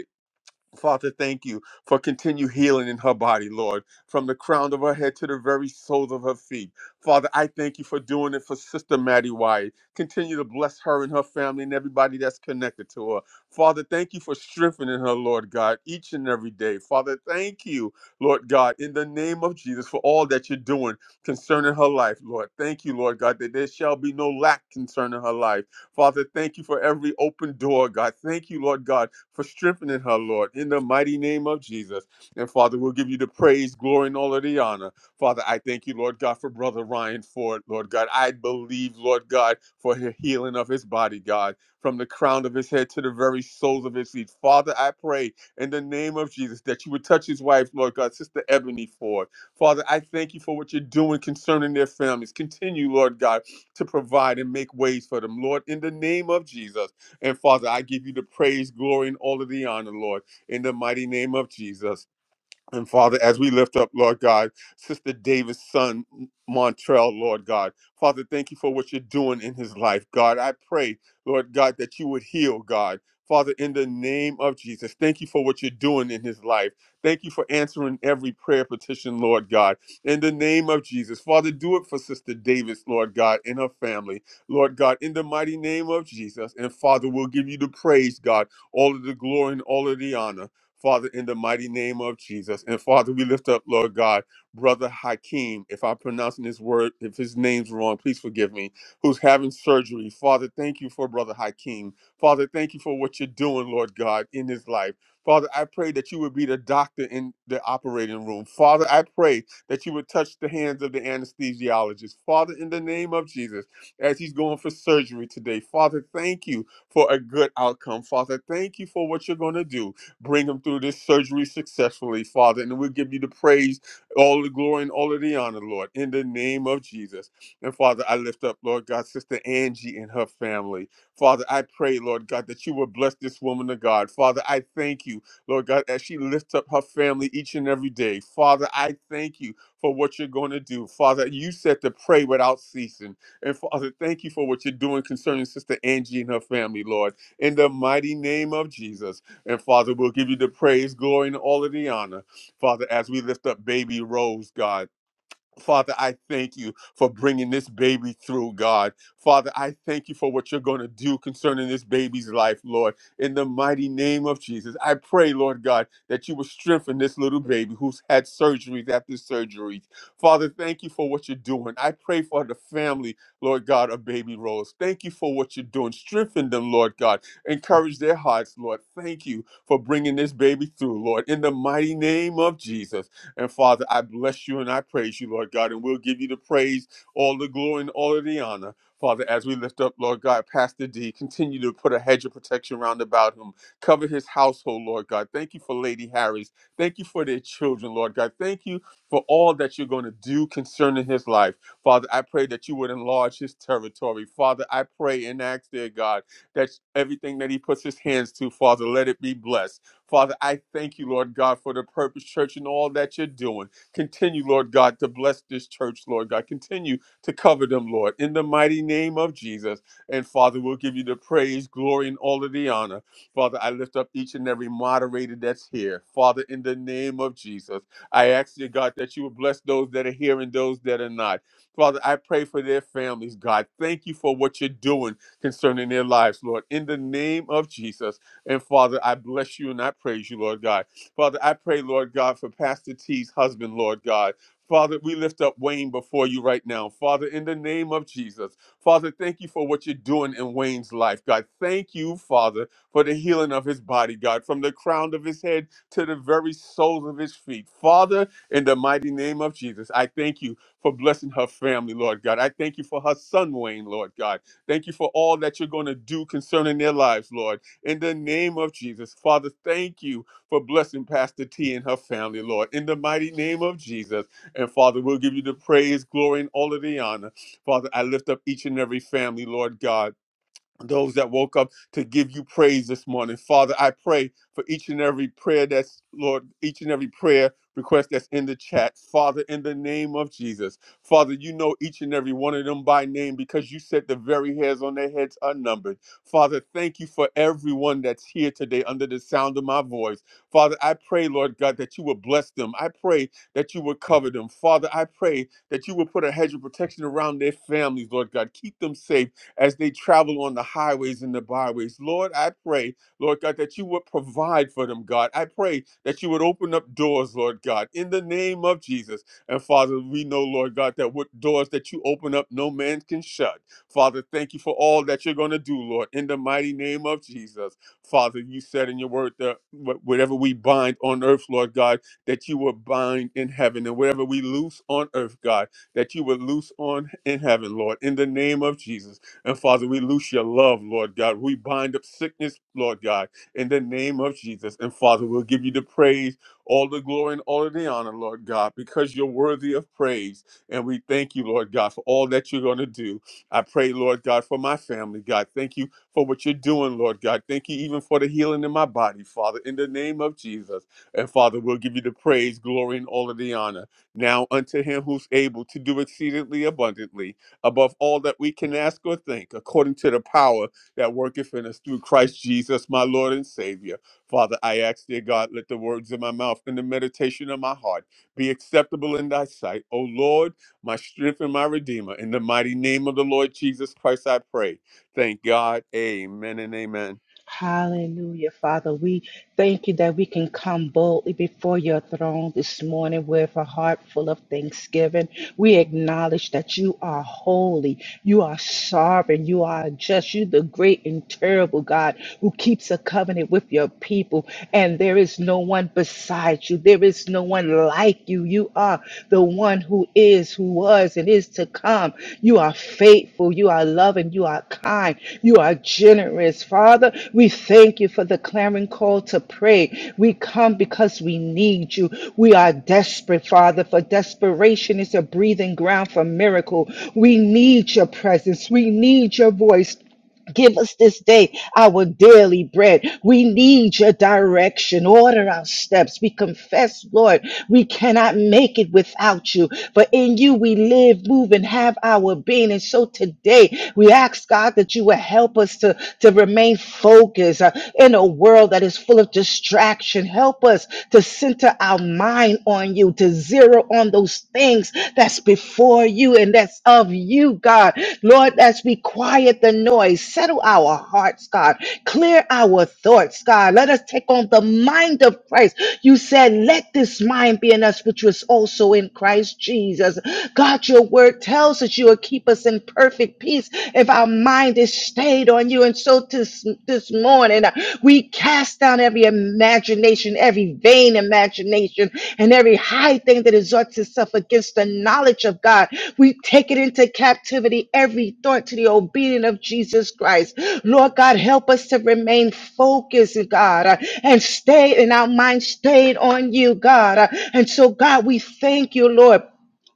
Speaker 3: Father, thank you for continued healing in her body, Lord, from the crown of her head to the very soles of her feet. Father, I thank you for doing it for Sister Maddie White. Continue to bless her and her family and everybody that's connected to her. Father, thank you for strengthening her, Lord God, each and every day. Father, thank you, Lord God, in the name of Jesus for all that you're doing concerning her life, Lord. Thank you, Lord God, that there shall be no lack concerning her life. Father, thank you for every open door, God. Thank you, Lord God for strengthening her, Lord, in the mighty name of Jesus. And Father, we'll give you the praise, glory, and all of the honor. Father, I thank you, Lord God, for Brother Ryan Ford, Lord God. I believe, Lord God, for the healing of his body, God, from the crown of his head to the very soles of his feet. Father, I pray in the name of Jesus that you would touch his wife, Lord God, Sister Ebony Ford. Father, I thank you for what you're doing concerning their families. Continue, Lord God, to provide and make ways for them, Lord, in the name of Jesus. And Father, I give you the praise, glory, and all of the honor, Lord, in the mighty name of Jesus. And Father, as we lift up, Lord God, Sister Davis' son, Montrell, Lord God, Father, thank you for what you're doing in his life, God. I pray, Lord God, that you would heal, God. Father, in the name of Jesus, thank you for what you're doing in his life. Thank you for answering every prayer petition, Lord God. In the name of Jesus, Father, do it for Sister Davis, Lord God, and her family, Lord God, in the mighty name of Jesus. And Father, we'll give you the praise, God, all of the glory and all of the honor. Father, in the mighty name of Jesus. And Father, we lift up, Lord God, Brother Hakeem, if I'm pronouncing his word, if his name's wrong, please forgive me, who's having surgery. Father, thank you for Brother Hakeem. Father, thank you for what you're doing, Lord God, in his life. Father, I pray that you would be the doctor in the operating room. Father, I pray that you would touch the hands of the anesthesiologist. Father, in the name of Jesus, as he's going for surgery today, Father, thank you for a good outcome. Father, thank you for what you're going to do. Bring him through this surgery successfully, Father. And we'll give you the praise, all the glory, and all of the honor, Lord, in the name of Jesus. And Father, I lift up, Lord God, Sister Angie and her family. Father, I pray, Lord God, that you will bless this woman of God. Father, I thank you, Lord God, as she lifts up her family each and every day. Father, I thank you for what you're going to do. Father, you said to pray without ceasing. And Father, thank you for what you're doing concerning Sister Angie and her family, Lord. In the mighty name of Jesus. And Father, we'll give you the praise, glory, and all of the honor. Father, as we lift up baby Rose, God. Father, I thank you for bringing this baby through, God. Father, I thank you for what you're going to do concerning this baby's life, Lord. In the mighty name of Jesus, I pray, Lord God, that you will strengthen this little baby who's had surgeries after surgeries. Father, thank you for what you're doing. I pray for the family, Lord God, of Baby Rose. Thank you for what you're doing. Strengthen them, Lord God. Encourage their hearts, Lord. Thank you for bringing this baby through, Lord. In the mighty name of Jesus. And Father, I bless you and I praise you, Lord God, and we'll give you the praise, all the glory, and all of the honor. Father, as we lift up, Lord God, Pastor D, continue to put a hedge of protection round about him. Cover his household, Lord God. Thank you for Lady Harris. Thank you for their children, Lord God. Thank you for all that you're going to do concerning his life. Father, I pray that you would enlarge his territory. Father, I pray and ask, dear God, that everything that he puts his hands to, Father, let it be blessed. Father, I thank you, Lord God, for the Purpose Church and all that you're doing. Continue, Lord God, to bless this church, Lord God. Continue to cover them, Lord, in the mighty name of Jesus. And Father, we'll give you the praise, glory, and all of the honor. Father, I lift up each and every moderator that's here. Father, in the name of Jesus, I ask you, God, that you would bless those that are here and those that are not. Father, I pray for their families, God. Thank you for what you're doing concerning their lives, Lord. In the name of Jesus, and Father, I bless you and I praise you, Lord God. Father, I pray, Lord God, for Pastor T's husband, Lord God. Father, we lift up Wayne before you right now. Father, in the name of Jesus. Father, thank you for what you're doing in Wayne's life, God. Thank you, Father, for the healing of his body, God, from the crown of his head to the very soles of his feet. Father, in the mighty name of Jesus, I thank you for blessing her family, Lord God. I thank you for her son, Wayne, Lord God. Thank you for all that you're going to do concerning their lives, Lord in the name of Jesus. Father, thank you for blessing Pastor T and her family, Lord, in the mighty name of Jesus. And Father, we'll give you the praise, glory, and all of the honor. Father, I lift up each and every family, Lord God those that woke up to give you praise this morning. Father, I pray for each and every prayer that's, Lord, each and every prayer request that's in the chat. Father, in the name of Jesus. Father, you know each and every one of them by name because you said the very hairs on their heads are numbered. Father, thank you for everyone that's here today under the sound of my voice. Father, I pray, Lord God, that you would bless them. I pray that you would cover them. Father, I pray that you would put a hedge of protection around their families, Lord God. Keep them safe as they travel on the highways and the byways. Lord, I pray, Lord God, that you would provide for them, God. I pray that you would open up doors, Lord God, in the name of Jesus. And Father, we know, Lord God, that what doors that you open up, no man can shut. Father, thank you for all that you're going to do, Lord, in the mighty name of Jesus. Father, you said in your word that wh- whatever we bind on earth, Lord God, that you will bind in heaven, and whatever we loose on earth, God, that you will loose on in heaven, Lord, in the name of Jesus. And Father, we loose your love, Lord God. We bind up sickness, Lord God, in the name of Jesus. And Father, we'll give you the praise, all the glory, and all of the honor, Lord God, because you're worthy of praise. And we thank you, Lord God, for all that you're going to do. I pray, Lord God, for my family, God. Thank you for what you're doing, Lord God. Thank you even for the healing in my body, Father, in the name of Jesus. And Father, we'll give you the praise, glory, and all of the honor. Now unto him who's able to do exceedingly abundantly above all that we can ask or think, according to the power that worketh in us through Christ Jesus, my Lord and Savior. Father, I ask, dear God, let the words of my mouth and the meditation of my heart be acceptable in thy sight. O Lord, my strength and my redeemer. In the mighty name of the Lord Jesus Christ, I pray. Thank God. Amen and amen.
Speaker 1: Hallelujah, Father. We thank you that we can come boldly before your throne this morning with a heart full of thanksgiving. We acknowledge that you are holy, you are sovereign, you are just, you the great and terrible God who keeps a covenant with your people. And there is no one beside you, there is no one like you. You you are the one who is, who was, and is to come. You are faithful. You are loving. You are kind. You are generous. Father, we thank you for the clamoring call to pray. We come because we need you. We are desperate, Father, for desperation is a breathing ground for miracle. We need your presence. We need your voice. Give us this day our daily bread. We need your direction. Order our steps. We confess, Lord, we cannot make it without you. For in you we live, move, and have our being. And so today we ask, God, that you will help us to, to remain focused uh, in a world that is full of distraction. Help us to center our mind on you, to zero on those things that's before you and that's of you, God. Lord, as we quiet the noise, settle our hearts, God. Clear our thoughts, God. Let us take on the mind of Christ. You said, let this mind be in us, which was also in Christ Jesus. God, your word tells us you will keep us in perfect peace if our mind is stayed on you. And so to this this morning. We cast down every imagination, every vain imagination, and every high thing that exalts itself against the knowledge of God. We take it into captivity, every thought to the obedience of Jesus Christ. Lord God, help us to remain focused, God, uh, and stay in our mind, stayed on you, God. Uh, And so, God, we thank you, Lord.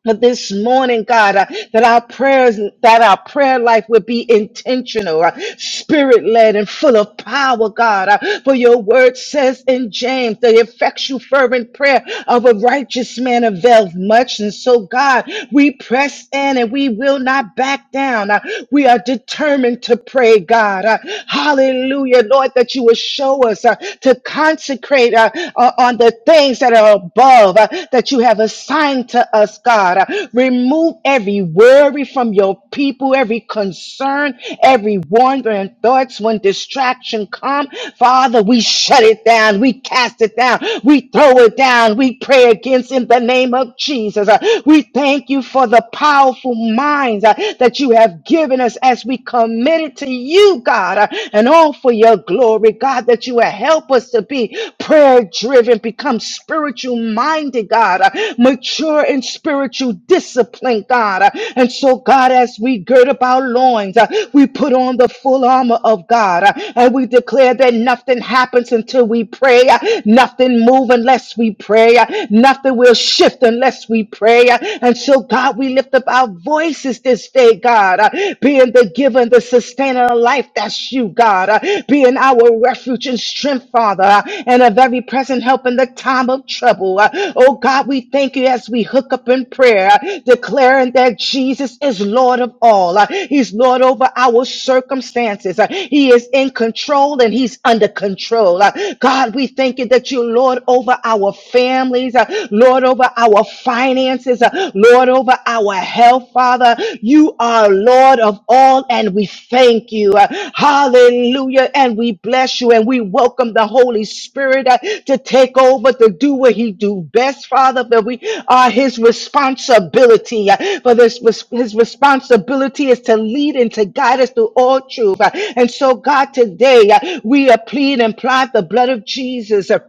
Speaker 1: But this morning, God, uh, that our prayers, that our prayer life would be intentional, spirit led and full of power, God. uh, for your word says in James, the effectual fervent prayer of a righteous man avails much. And so, God, we press in and we will not back down. Uh, we are determined to pray, God. Uh, hallelujah, Lord, that you will show us uh, to consecrate uh, uh, on the on the things that are above uh, that you have assigned to us, God. Uh, Remove every worry from your people, every concern, every wandering thoughts when distraction come. Father, we shut it down. We cast it down. We throw it down. We pray against in the name of Jesus. Uh, We thank you for the powerful minds uh, that you have given us as we commit it to you, God, uh, and all for your glory, God, that you will help us to be prayer driven, become spiritual minded, God, uh, mature in spiritual discipline, God. uh, And so, God, as we gird up our loins, uh, we put on the full armor of God uh, and we declare that nothing happens until we pray, uh, nothing move unless we pray, uh, nothing will shift unless we pray. uh, And so, God, we lift up our voices this day, God. God, uh, being the giver and the sustainer of life. That's you, God, uh, being our refuge and strength, Father, uh, and a very present help in the time of trouble. uh. Oh God, we thank you as we hook up in prayer, uh, declaring that Jesus is Lord of all. uh. He's Lord over our circumstances. uh. He is in control and He's under control. uh. God, we thank you that you're Lord over our families, uh, Lord over our finances finances, uh, Lord, over our health, Father. You are Lord of all, and we thank you. Uh, Hallelujah. And we bless you, and we welcome the Holy Spirit uh, to take over, to do what He do best, Father. But we are His responsibility. uh, For this, res- His responsibility is to lead and to guide us through all truth. Uh, And so, God, today uh, we are pleading and apply the blood of Jesus. uh,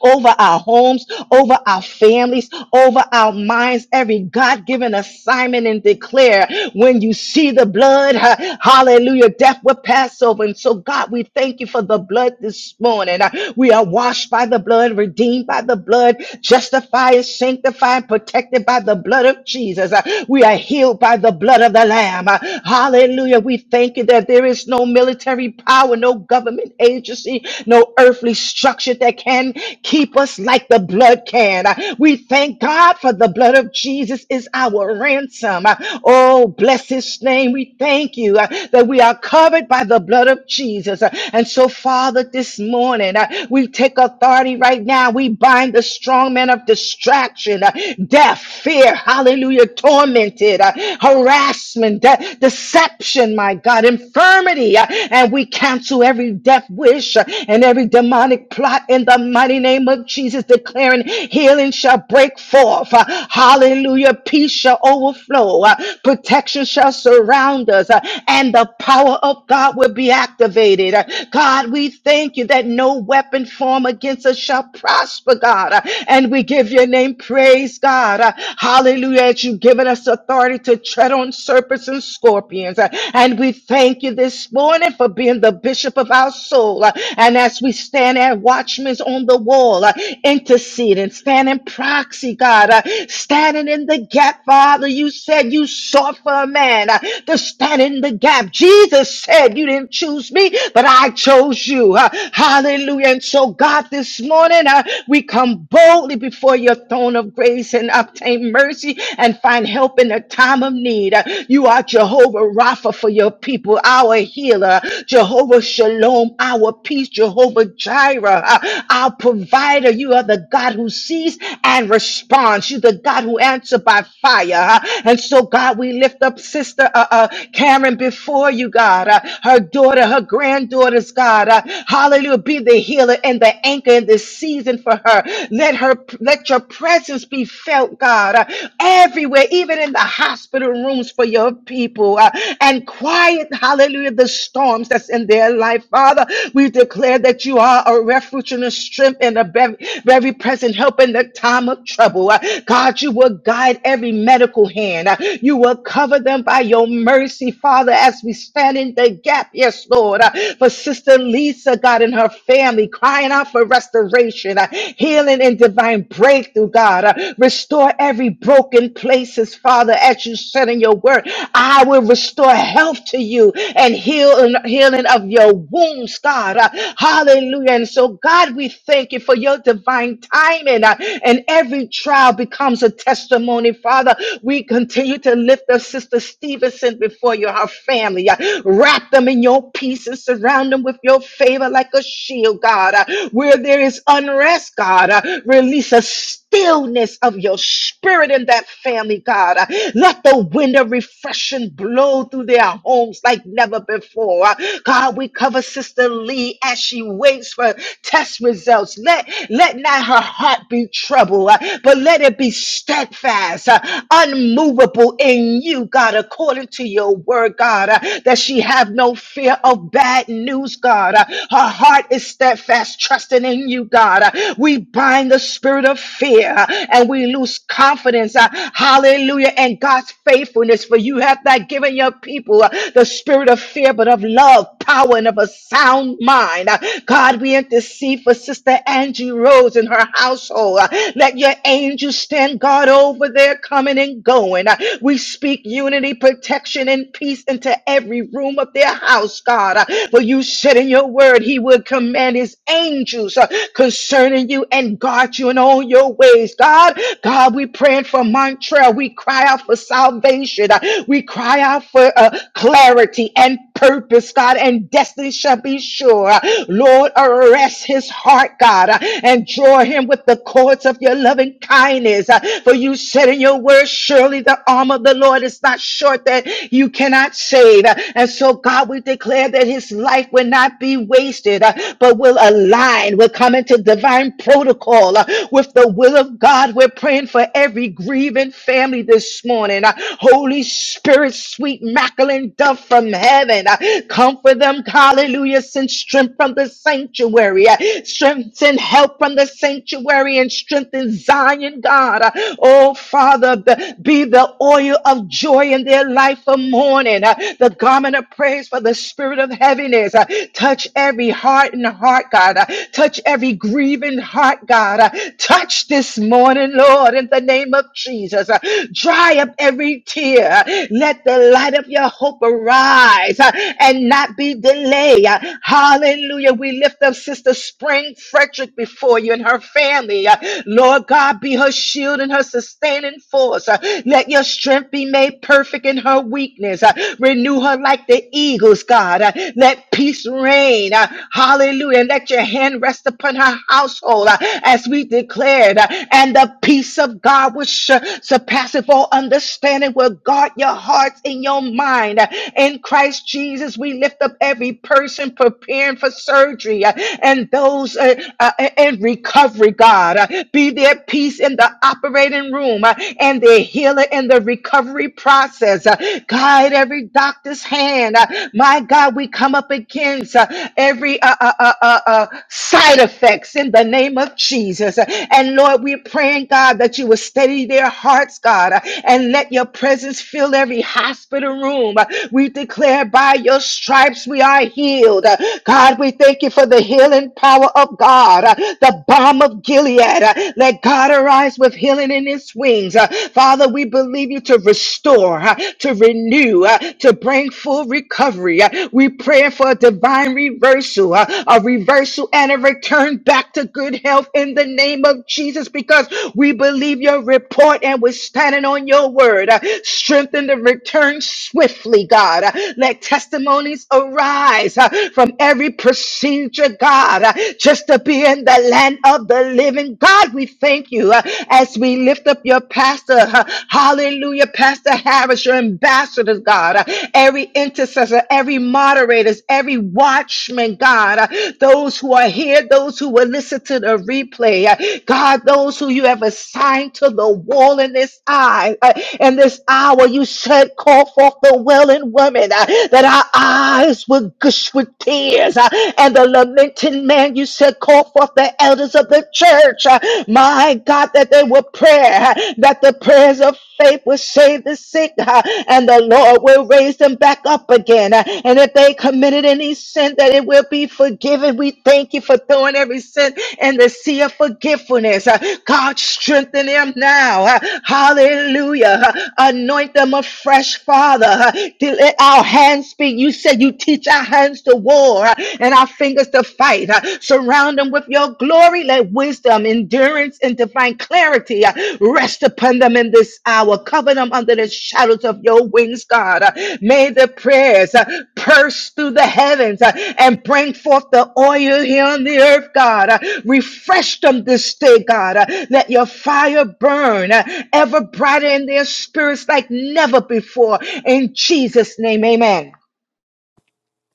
Speaker 1: over our homes, over our families, over our minds, every God given assignment and declare when you see the blood, ha- hallelujah, death will pass over. And so, God, we thank you for the blood this morning. Uh, We are washed by the blood, redeemed by the blood, justified, sanctified, protected by the blood of Jesus. Uh, We are healed by the blood of the Lamb. Uh, Hallelujah. We thank you that there is no military power, no government agency, no earthly structure agent that can keep us like the blood can. Uh, We thank God for the blood of Jesus is our ransom. Uh, Oh, bless his name. We thank you uh, that we are covered by the blood of Jesus. Uh, And so, Father, this morning, uh, we take authority right now. We bind the strong man of distraction, uh, death, fear, hallelujah, tormented, uh, harassment, de- deception, my God, infirmity. uh, And we cancel every death wish uh, and every demonic plot in the mighty name of Jesus, declaring healing shall break forth. Uh, Hallelujah. Peace shall overflow. Uh, Protection shall surround us, uh, and the power of God will be activated. Uh, God, we thank you that no weapon formed against us shall prosper, God. Uh, And we give your name praise, God. Uh, Hallelujah. As you've given us authority to tread on serpents and scorpions. Uh, And we thank you this morning for being the bishop of our soul. Uh, and as we stand as watchmen on the wall, uh, interceding, standing proxy, God, uh, standing in the gap, Father, you said you sought for a man uh, to stand in the gap. Jesus said, You didn't choose me, but I chose you. Uh, hallelujah. And so, God, this morning uh, we come boldly before your throne of grace and obtain mercy and find help in a time of need. Uh, you are Jehovah Rapha for your people, our healer, Jehovah Shalom shalom, our peace, Jehovah Jireh, uh, our provider. You are the God who sees and responds. You are the God who answers by fire. uh, And so, God, we lift up Sister uh, uh, Karen before you, God. uh, her daughter, her granddaughters, God. uh, hallelujah. Be the healer and the anchor in this season for her. Let her let your presence be felt, God, uh, everywhere, even in the hospital rooms for your people. uh, and quiet, hallelujah, the storms that's Jesus in their life, Father. We declare that you are a refuge and a strength and a very, very present help in the time of trouble. Uh, God, you will guide every medical hand. Uh, You will cover them by your mercy, Father, as we stand in the gap, yes, Lord, Uh, for Sister Lisa, God, and her family, crying out for restoration, uh, healing, and divine breakthrough, God. Uh, Restore every broken places, Father, as you said in your word. I will restore health to you and and healing, healing of your wounds, God. Uh, hallelujah. And so, God, we thank you for your divine timing. uh, and every trial becomes a testimony, Father. We continue to lift up Sister Stevenson before you, her family. uh, wrap them in your peace and surround them with your favor like a shield, God. Uh, where there is unrest, God, uh, release us stillness of your spirit in that family, God. Uh, Let the wind of refreshing blow through their homes like never before. Uh, God, we cover Sister Lee as she waits for test results. Let, let not her heart be troubled, uh, but let it be steadfast, uh, unmovable in you, God, according to your word, God, uh, that she have no fear of bad news, God. Uh, Her heart is steadfast, trusting in you, God. Uh, We bind the spirit of fear uh, and we lose confidence. uh, Hallelujah. And God's faithfulness for you have not given your people uh, the spirit of fear, but of love, power, and of a sound mind. Uh, God, we intercede for Sister Angie Rose and her household. Uh, Let your angels stand guard over their coming and going. Uh, We speak unity, protection, and peace into every room of their house, God. Uh, For you said in your word, He will command His angels uh, concerning you and guard you in all on your ways, God. God, we praying for Montreal. We cry out for salvation. Uh, We cry out for uh, clarity and purpose, God, and destiny shall be sure. Uh, Lord, arrest his heart, God, uh, and draw him with the cords of your loving kindness. Uh, For you said in your word, surely the arm of the Lord is not short that you cannot save. Uh, And so, God, we declare that his life will not be wasted, uh, but will align, will come into divine protocol, uh, with the will of God. We're praying for every grieving family this morning. Uh, Holy Spirit, sweet Macklin dove from heaven, uh, comfort them. Hallelujah. Send strength from the sanctuary. Uh, Strength and help from the sanctuary and strengthen Zion, God. Uh, Oh, Father, be be the oil of joy in their life for mourning, uh, the garment of praise for the spirit of heaviness. Uh, Touch every heart and heart, God. Uh, Touch every grieving heart, God. Uh, Touch this morning, Lord, in the name of Jesus. Uh, Dry up every tear. Uh, Let the light of your hope arise uh, and not be delayed. Uh, Hallelujah. We lift up Sister Spring Frederick before you and her family. Uh, Lord God, be her shield and her sustaining force. Uh, Let your strength be made perfect in her weakness. Uh, Renew her like the eagles, God. Uh, Let peace reign. Uh, Hallelujah. And let your hand rest upon her household uh, as as we declared, uh, and the peace of God which sur- surpasses all understanding will guard your hearts and your mind. Uh, In Christ Jesus, we lift up every person preparing for surgery uh, and those uh, uh, in recovery, God. Uh, Be their peace in the operating room uh, and their healer in the recovery process. Uh, Guide every doctor's hand. Uh, My God, we come up against uh, every uh, uh, uh, uh, uh, side effects in the name of Jesus. Jesus. And Lord, we're praying, God, that you will steady their hearts, God, and let your presence fill every hospital room. We declare by your stripes we are healed. God, we thank you for the healing power of God, the balm of Gilead. Let God arise with healing in his wings. Father, we believe you to restore, to renew, to bring full recovery. We pray for a divine reversal, a reversal and a return back to good health yourself in the name of Jesus because we believe your report and we're standing on your word. Uh, Strengthen the return swiftly, God. Uh, Let testimonies arise uh, from every procedure, God, uh, just to be in the land of the living. God, we thank you uh, as we lift up your pastor. uh, Hallelujah, Pastor Harris, your ambassadors, God. uh, Every intercessor, every moderators, every watchman, God. uh, Those who are here, those who will listen to the a replay. Uh, God, those who you have assigned to the wall in this hour, uh, in this hour, you said, call forth the well and women uh, that our eyes would gush with tears. uh, and the lamenting man, you said, call forth the elders of the church. uh, my God, that they will pray, uh, that the prayers of faith will save the sick, uh, and the Lord will raise them back up again. uh, and if they committed any sin, that it will be forgiven. We thank you for throwing every sin in the sea of forgetfulness. Uh, God, strengthen them now. Uh, Hallelujah. Uh, Anoint them afresh, Father. Uh, to Let our hands speak. You said you teach our hands to war uh, and our fingers to fight. Uh, Surround them with your glory. Let wisdom, endurance, and divine clarity uh, rest upon them in this hour. Cover them under the shadows of your wings, God. Uh, May the prayers uh, burst through the heavens uh, and bring forth the oil here on the earth, God. Uh, Refresh them this day, God. Uh, Let your fire burn uh, ever brighter in their spirits like never before. In Jesus' name, amen.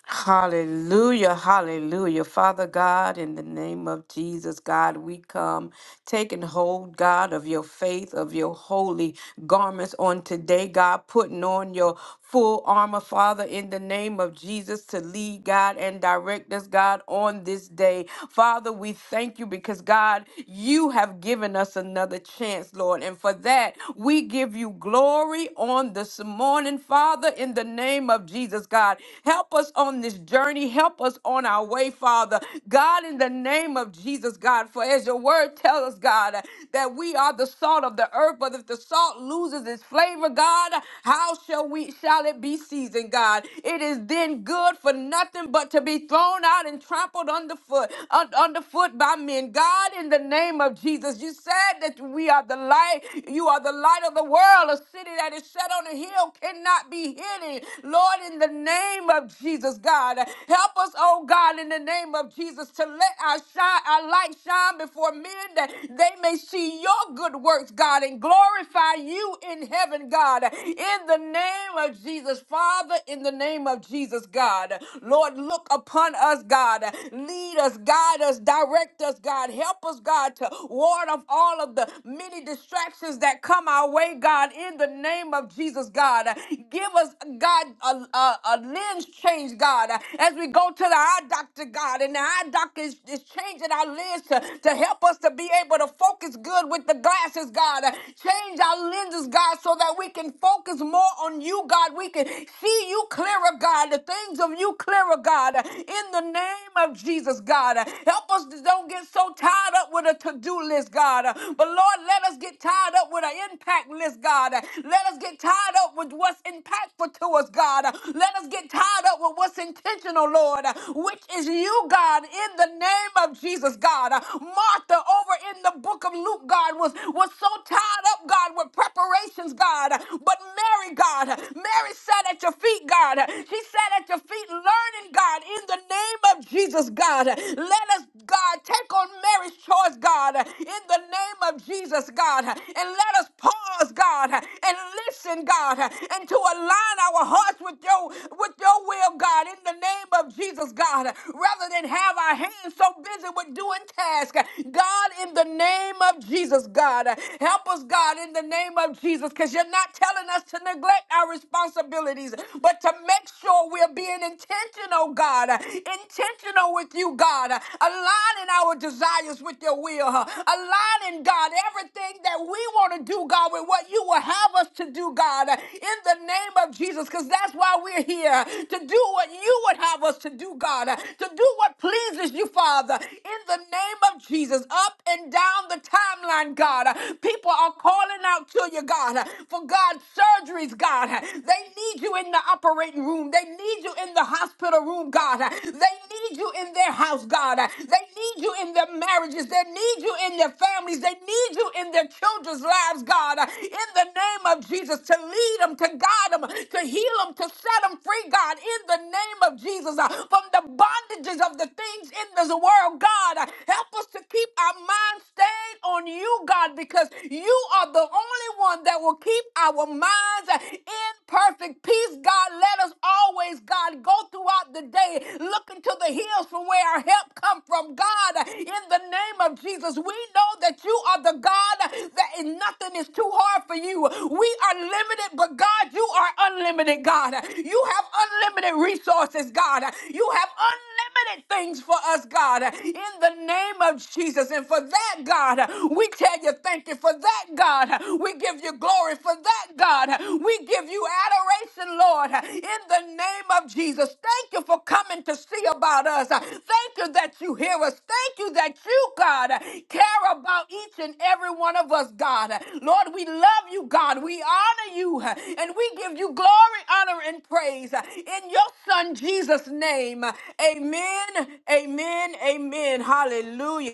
Speaker 2: Hallelujah, hallelujah. Father God, in the name of Jesus, God, we come taking hold, God, of your faith, of your holy garments on today, God, putting on your full armor, Father, in the name of Jesus, to lead, God, and direct us, God, on this day. Father, we thank you because, God, you have given us another chance, Lord. And for that, we give you glory on this morning, Father, in the name of Jesus, God. Help us on this journey. Help us on our way, Father. God, in the name of Jesus, God, for as your word tells us, God, that we are the salt of the earth, but if the salt loses its flavor, God, how shall we shall it be seasoned, God? It is then good for nothing but to be thrown out and trampled underfoot, un- underfoot by men. God, in the name of Jesus, you said that we are the light, you are the light of the world, city that is set on a hill cannot be hidden. Lord, in the name of Jesus, God, help us, oh God, in the name of Jesus, to let our shine, our light shine before men that they may see your good works, God, and glorify you in heaven, God. In the name of Jesus, Father, in the name of Jesus, God. Lord, look upon us, God. Lead us, guide us, direct us, God. Help us, God, to ward off all of the many distractions that come our way, God, in the name of Jesus, God. Give us, God, a, a, a lens change, God, as we go to the eye doctor, God, and the eye doctor is, is changing our lens to, to help us to be able to focus good with the glasses, God. Change our lenses, God, so that we can focus more on you, God. We can see you clearer, God, the things of you clearer, God, in the name of Jesus, God. Help us to don't get so tired tied up with a to do list, God. Uh, But Lord, let us get tied up with an impact list, God. Uh, Let us get tied up with what's impactful to us, God. Uh, Let us get tied up with what's intentional, Lord, uh, which is you, God, in the name of Jesus, God. Uh, Martha over in the book of Luke, God, was, was so tied up, God, with preparations, God. Uh, But Mary, God, uh, Mary sat at your feet, God. Uh, She sat at your feet learning, God, in the name of Jesus, God. Let us, God, take on Mary's choice, God, in the name of Jesus, God. And let us pause, God, and listen, God, and to align our hearts with your with your will, God, in the name of Jesus, God, rather than have our hands so busy with doing tasks. God, in the name of Jesus, God, help us, God, in the name of Jesus, because you're not telling us to neglect our responsibilities, but to make sure we're being intentional intentional, God, intentional with you, God, aligning our desires with your will, aligning, God, everything that we want to do, God, with what you will have us to do, God, in the name of Jesus, because that's why we're here to do what you would have us to do, God, to do what pleases you, Father, in the name of Jesus, up and down the timeline, God. People are calling out to you, God, for God surgeries, God. They need you in the operating room. They need you in the hospital room, God. They need you in their house, God. They need you in their marriages. They need you in their families. They need you in their children's lives, God. In the name of Jesus, to lead them, to guide them, to heal them, to set them free, God. In the name of Jesus, uh, from the bondages of the things in this world, God. Uh, Help us to keep our minds stayed on you, God, because you are the only one that will will keep our minds in perfect peace. God, let us always, God, go throughout the day looking to the hills from where our help come from. God, in the name of Jesus, we know that you are the God that is- nothing is too hard for you. We are limited, but God, you are unlimited, God. You have unlimited resources, God. You have unlimited things for us, God. In the name of Jesus. And for that, God, we tell you Thank you for that, God. We give you glory for that, God. We give you adoration, Lord, in the name of Jesus. Thank you for coming to see about us. Thank you that you hear us. Thank you that you, God, care about each and every one of us, God. Lord, we love you, God. We honor you, and we give you glory, honor, and praise in your Son, Jesus' name. Amen, amen, amen. Hallelujah.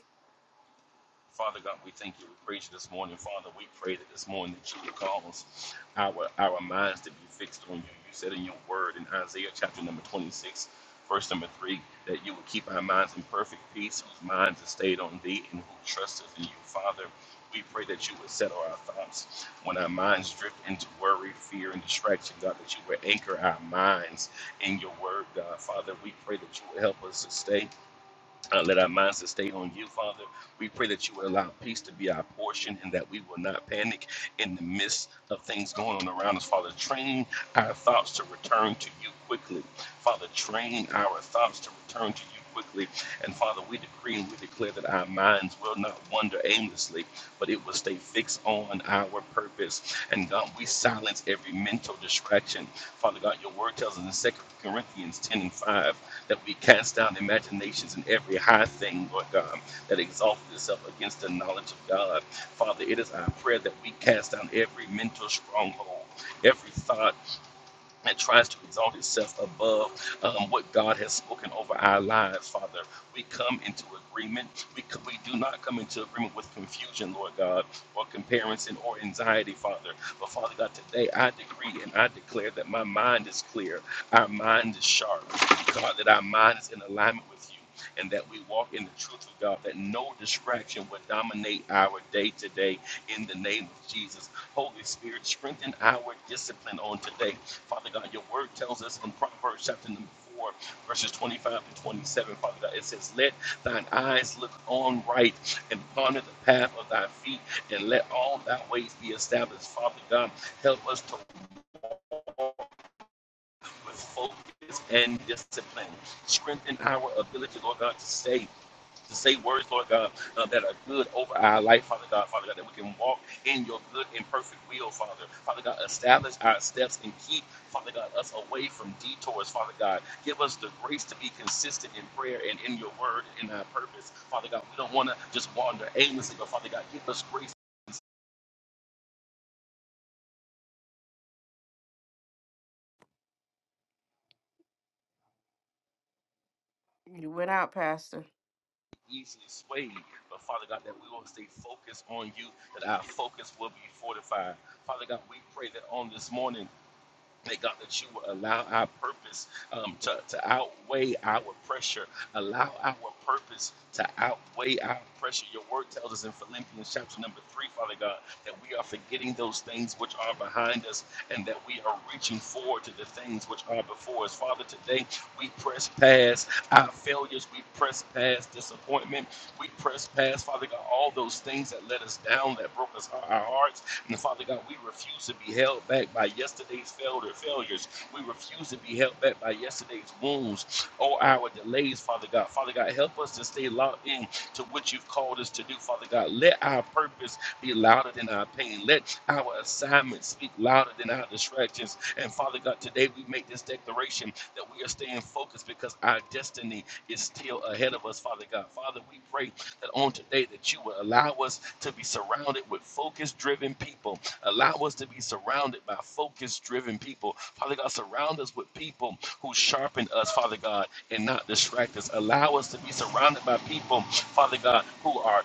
Speaker 4: Father God, we thank you. We praise you this morning. Father, we pray that this morning that you would cause our, our minds to be fixed on you. You said in your word in Isaiah chapter number 26, verse number 3, that you would keep our minds in perfect peace, whose minds are stayed on thee and who trusteth in you. Father, we pray that you would settle our thoughts when our minds drift into worry, fear, and distraction. God, that you would anchor our minds in your word, God. Father, we pray that you would help us to stay uh, let our minds stay on you, Father. We pray that you would allow peace to be our portion and that we will not panic in the midst of things going on around us. Father, train our thoughts to return to you quickly. Father, train our thoughts to return to you quickly. And Father, we decree and we declare that our minds will not wander aimlessly, but it will stay fixed on our purpose. And God, we silence every mental distraction. Father God, your word tells us in Second Corinthians 10 and 5 that we cast down imaginations and every high thing, Lord God, that exalted itself against the knowledge of God. Father, it is our prayer that we cast down every mental stronghold, every thought and tries to exalt itself above um, what God has spoken over our lives, Father. We come into agreement. We, we do not come into agreement with confusion, Lord God, or comparison or anxiety, Father. But Father God, today I decree and I declare that my mind is clear, our mind is sharp, God, that our mind is in alignment with you. And that we walk in the truth of God, that no distraction will dominate our day today in the name of Jesus. Holy Spirit, strengthen our discipline on today Father God, your word tells us in Proverbs chapter number 4, verses 25 to 27, Father God, it says, Let thine eyes look on right and ponder the path of thy feet, and let all thy ways be established. Father God, help us to with focus and discipline. Strengthen our ability, Lord God, to stay to say words, Lord God, uh, that are good over our life, Father God, Father God, that we can walk in your good and perfect will, Father. Father God, establish our steps and keep, Father God, us away from detours, Father God. Give us the grace to be consistent in prayer and in your word and in our purpose, Father God. We don't want to just wander aimlessly, but Father God, give us grace to
Speaker 2: You went out, Pastor.
Speaker 4: be easily swayed. But Father God, that we will stay focused on you, that our focus will be fortified. Father God, we pray that on this morning, Thank God that you will allow our purpose um, to, to outweigh our pressure. Allow our purpose to outweigh our pressure. Your word tells us in Philippians chapter number three, Father God, that we are forgetting those things which are behind us and that we are reaching forward to the things which are before us. Father, today we press past our failures. We press past disappointment. We press past, Father God, all those things that let us down, that broke us, our hearts and Father God, we refuse to be held back by yesterday's failed failures. We refuse to be held back by yesterday's wounds or our delays, Father God. Father God, help us to stay locked in to what you've called us to do, Father God. Let our purpose be louder than our pain. Let our assignment speak louder than our distractions. And Father God, today we make this declaration that we are staying focused because our destiny is still ahead of us, Father God. Father, we pray that on today that you would allow us to be surrounded with focus driven people. Allow us to be surrounded by focus driven people. Father God, surround us with people who sharpen us, Father God, and not distract us. Allow us to be surrounded by people, Father God, who are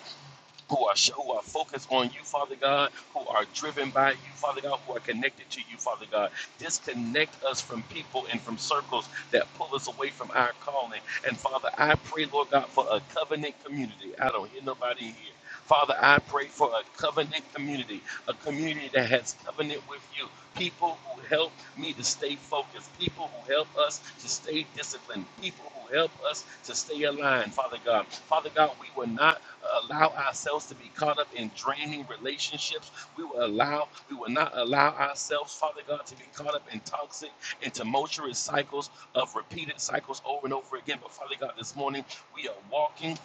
Speaker 4: who are who are focused on you, Father God, who are driven by you, Father God, who are connected to you, Father God. Disconnect us from people and from circles that pull us away from our calling. And Father, I pray, Lord God, for a covenant community. I don't hear nobody here. Father, I pray for a covenant community, a community that has covenant with you, people who help me to stay focused, people who help us to stay disciplined, people who help us to stay aligned, Father God. Father God, we will not allow ourselves to be caught up in draining relationships. We will allow, we will not allow ourselves, Father God, to be caught up in toxic and tumultuous cycles of repeated cycles over and over again. But Father God, this morning we are walking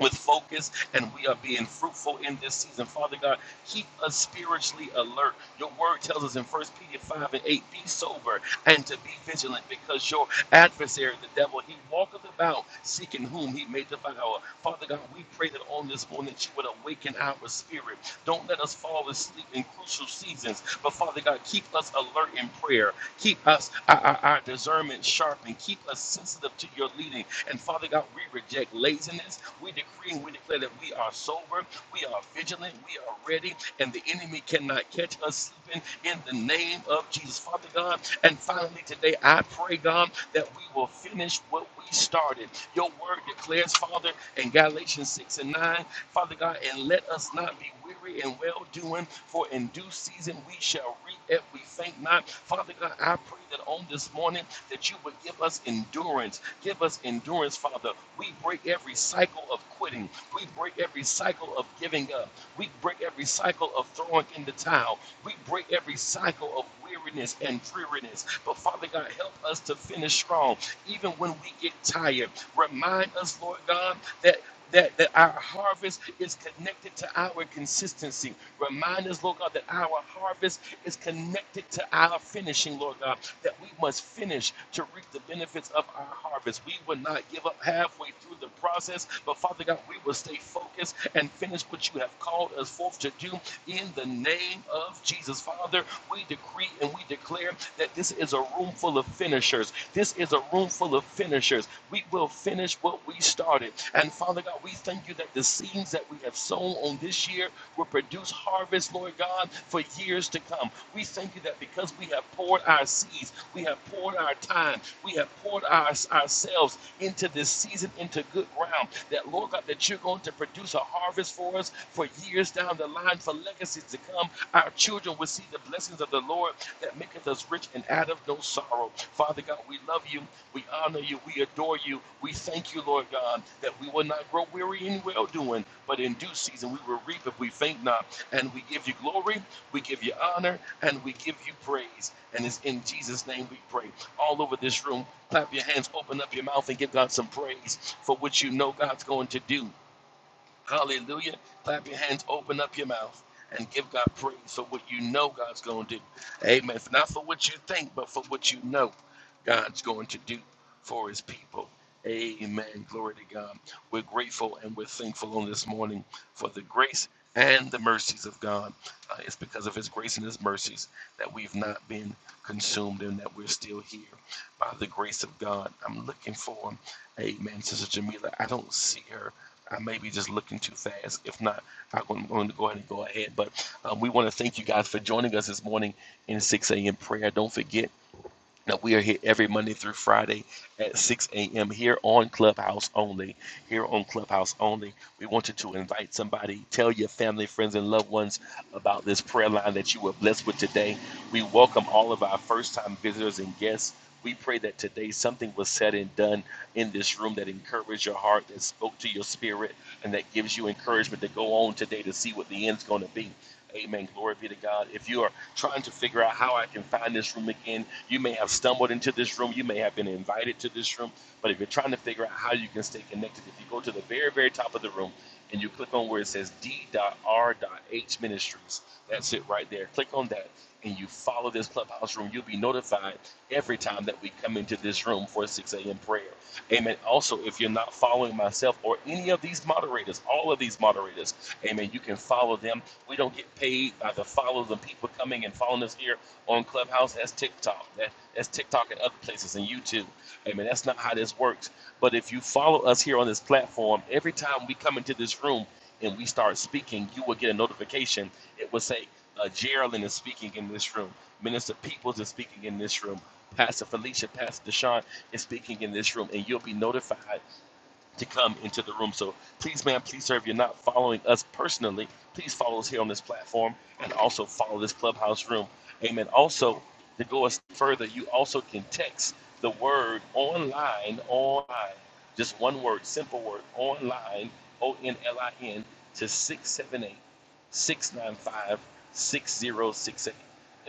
Speaker 4: with focus and we are being fruitful in this season. Father God, keep us spiritually alert. Your word tells us in First Peter 5 and 8, be sober and to be vigilant because your adversary, the devil, he walketh about seeking whom he may devour. Father God, we pray that on this morning that you would awaken our spirit. Don't let us fall asleep in crucial seasons, but Father God, keep us alert in prayer. Keep us, our, our, our discernment sharp, and keep us sensitive to your leading. And Father God, we reject laziness. We decree and we declare that we are sober, we are vigilant, we are ready, and the enemy cannot catch us sleeping in the name of Jesus, Father God. And finally, today, I pray, God, that we will finish what we started. Your word declares, Father, in Galatians 6 and 9, Father God, and let us not be weary in well doing, for in due season we shall reap if we faint not. Father God, I pray that on this morning that you would give us endurance. Give us endurance, Father. We break every cycle of quitting. We break every cycle of giving up. We break every cycle of throwing in the towel. We break every cycle of weariness and dreariness. But Father God, help us to finish strong, even when we get tired. Remind us, Lord God, that that, that our harvest is connected to our consistency. Remind us, Lord God, that our harvest is connected to our finishing, Lord God, that we must finish to reap the benefits of our harvest. We will not give up halfway through the process, but Father God, we will stay focused and finish what you have called us forth to do in the name of Jesus. Father, we decree and we declare that this is a room full of finishers finishers. This is a room full of finishers. We will finish what we started. And Father God, we thank you that the seeds that we have sown on this year will produce harvest, Lord God, for years to come. We thank you that because we have poured our seeds, we have poured our time, we have poured our, ourselves into this season, into good ground, that Lord God, that you're going to produce a harvest for us for years down the line, for legacies to come. Our our children will see the blessings of the Lord that maketh us rich and out of no sorrow. Father God, we love you. We honor you. We adore you. We thank you, Lord God, that we will not grow weary in well doing, but in due season we will reap if we faint not. And we give you glory, we give you honor, and we give you praise. And it's in Jesus' name we pray. All over this room, clap your hands, open up your mouth, and give God some praise for what you know God's going to do. Hallelujah. Clap your hands, open up your mouth, and give God praise for what you know God's going to do. Amen. Not for what you think, but for what you know God's going to do for his people. Amen. Glory to God. We're grateful and we're thankful on this morning for the grace and the mercies of God. Uh, it's because of his grace and his mercies that we've not been consumed and that we're still here by the grace of God. I'm looking for, amen, Sister Jamila. I don't see her. I may be just looking too fast. If not, I'm going to go ahead and go ahead. But um, we want to thank you guys for joining us this morning in 6 a.m. prayer. Don't forget. Now, we are here every Monday through Friday at 6 a.m. here on Clubhouse only. Here on Clubhouse only, we want you to invite somebody, tell your family, friends, and loved ones about this prayer line that you were blessed with today. We welcome all of our first time visitors and guests. We pray that today something was said and done in this room that encouraged your heart, that spoke to your spirit, and that gives you encouragement to go on today to see what the end's going to be. Amen. Glory be to God. If you are trying to figure out how I can find this room again, you may have stumbled into this room. You may have been invited to this room. But if you're trying to figure out how you can stay connected, if you go to the very, very top of the room and you click on where it says D.R.H Ministries, that's it right there. Click on that and you follow this clubhouse room. You'll be notified every time that we come into this room for 6 a.m. prayer. Amen. Also, if you're not following myself or any of these moderators, all of these moderators, amen, you can follow them. We don't get paid by the follow the people coming and following us here on Clubhouse. That's TikTok. That, that's TikTok and other places and YouTube. Amen. That's not how this works. But if you follow us here on this platform, every time we come into this room and we start speaking, you will get a notification. It will say, uh, Geraldine is speaking in this room. Minister Peoples is speaking in this room. Pastor Felicia, Pastor Deshaun, is speaking in this room, and you'll be notified to come into the room. So please, ma'am, please, sir, if you're not following us personally, please follow us here on this platform and also follow this clubhouse room. Amen. Also, to go us further, you also can text the word online, online, just one word, simple word, online, O N L I N, to 678 695 6068.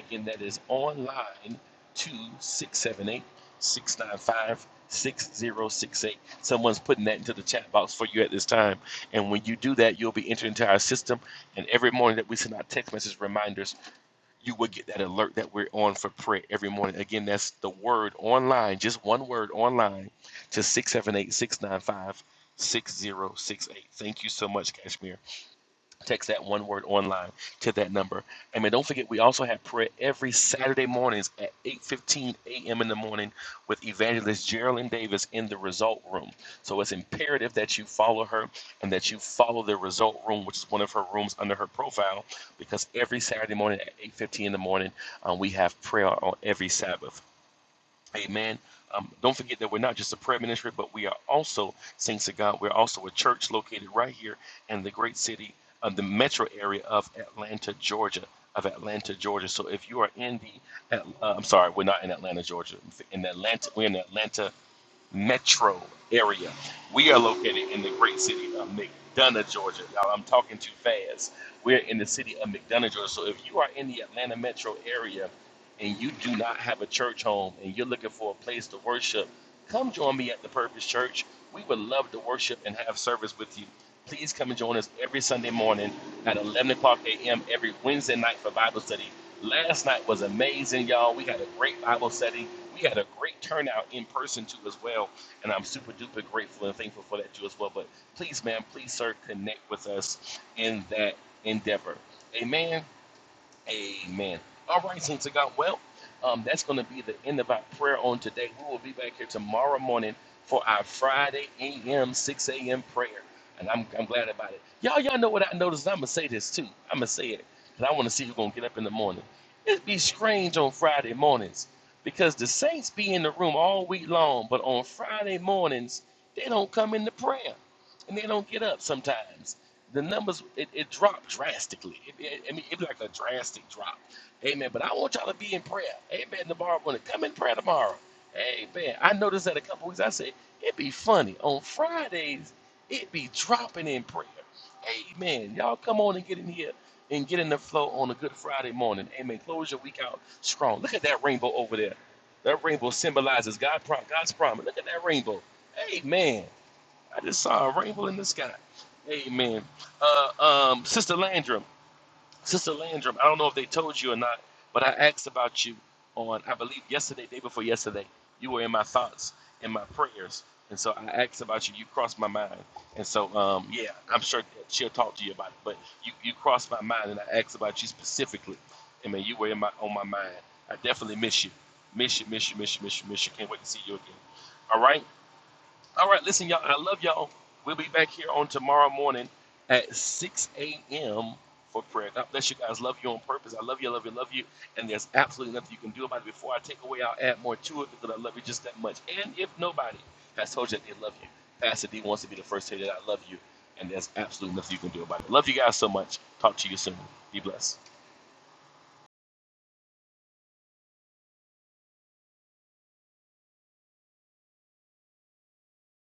Speaker 4: Again, that is online to 678 695 6068. Someone's putting that into the chat box for you at this time. And when you do that, you'll be entered into our system. And every morning that we send out text message reminders, you will get that alert that we're on for prayer every morning. Again, that's the word online, just one word online to 678 695 6068. Thank you so much, Kashmir. Text that one word online to that number. And man, don't forget, we also have prayer every Saturday mornings at 8.15 a.m. in the morning with evangelist Geraldine Davis in the Result Room. So it's imperative that you follow her and that you follow the Result Room, which is one of her rooms under her profile, because every Saturday morning at 8.15 in the morning, um, we have prayer on every Sabbath. Amen. Um, don't forget that we're not just a prayer ministry, but we are also, thanks to God, we're also a church located right here in the great city of the metro area of Atlanta, Georgia. Of Atlanta, Georgia. So if you are in the, At- uh, I'm sorry, we're not in Atlanta, Georgia. In Atlanta, we're in Atlanta, metro area. We are located in the great city of McDonough, Georgia. Now, I'm talking too fast. We're in the city of McDonough, Georgia. So, if you are in the Atlanta metro area and you do not have a church home and you're looking for a place to worship, come join me at the Purpose Church. We would love to worship and have service with you. Please come and join us every Sunday morning at 11 o'clock a.m. every Wednesday night for Bible study. Last night was amazing, y'all. We had a great Bible study. We had a great turnout in person too, as well. And I'm super duper grateful and thankful for that too, as well. But please, man, please, sir, connect with us in that endeavor. Amen. Amen. All right, saints of God. Well, um, that's going to be the end of our prayer on today. We will be back here tomorrow morning for our Friday a.m. 6 a.m. prayer, and I'm, I'm glad about it. Y'all, y'all know what I noticed. I'm gonna say this too. I'm gonna say it, because I want to see who's gonna get up in the morning. It'd be strange on Friday mornings because the saints be in the room all week long, but on Friday mornings they don't come into prayer and they don't get up sometimes the numbers it, it dropped drastically. It, it, I mean, it'd be like a drastic drop. Amen. But I want y'all to be in prayer. Amen. Tomorrow morning, come in prayer tomorrow. Amen. I noticed that a couple weeks. I said it'd be funny on Fridays. It be dropping in prayer. Amen. Y'all come on and get in here and get in the flow on a Good Friday morning. Amen. Close your week out strong. Look at that rainbow over there. That rainbow symbolizes God, God's promise. Look at that rainbow. Amen. I just saw a rainbow in the sky. Amen. Uh, um, Sister Landrum, Sister Landrum, I don't know if they told you or not, but I asked about you on, I believe, yesterday, day before yesterday. You were in my thoughts, in my prayers. And so I asked about you. You crossed my mind. And so, um, yeah, I'm sure that she'll talk to you about it, but you, you crossed my mind and I asked about you specifically. And man, you were in my on my mind. I definitely miss you. Miss you, miss you, miss you, miss you, miss you. Can't wait to see you again. All right? All right, listen, y'all. I love y'all. We'll be back here on tomorrow morning at 6 a.m. for prayer. God bless you guys. Love you on purpose. I love you, love you, love you. And there's absolutely nothing you can do about it. Before I take away, I'll add more to it because I love you just that much. And if nobody has told you that they love you, Pastor D wants to be the first to say that I love you. And there's absolutely nothing you can do about it. Love you guys so much. Talk to you soon. Be blessed.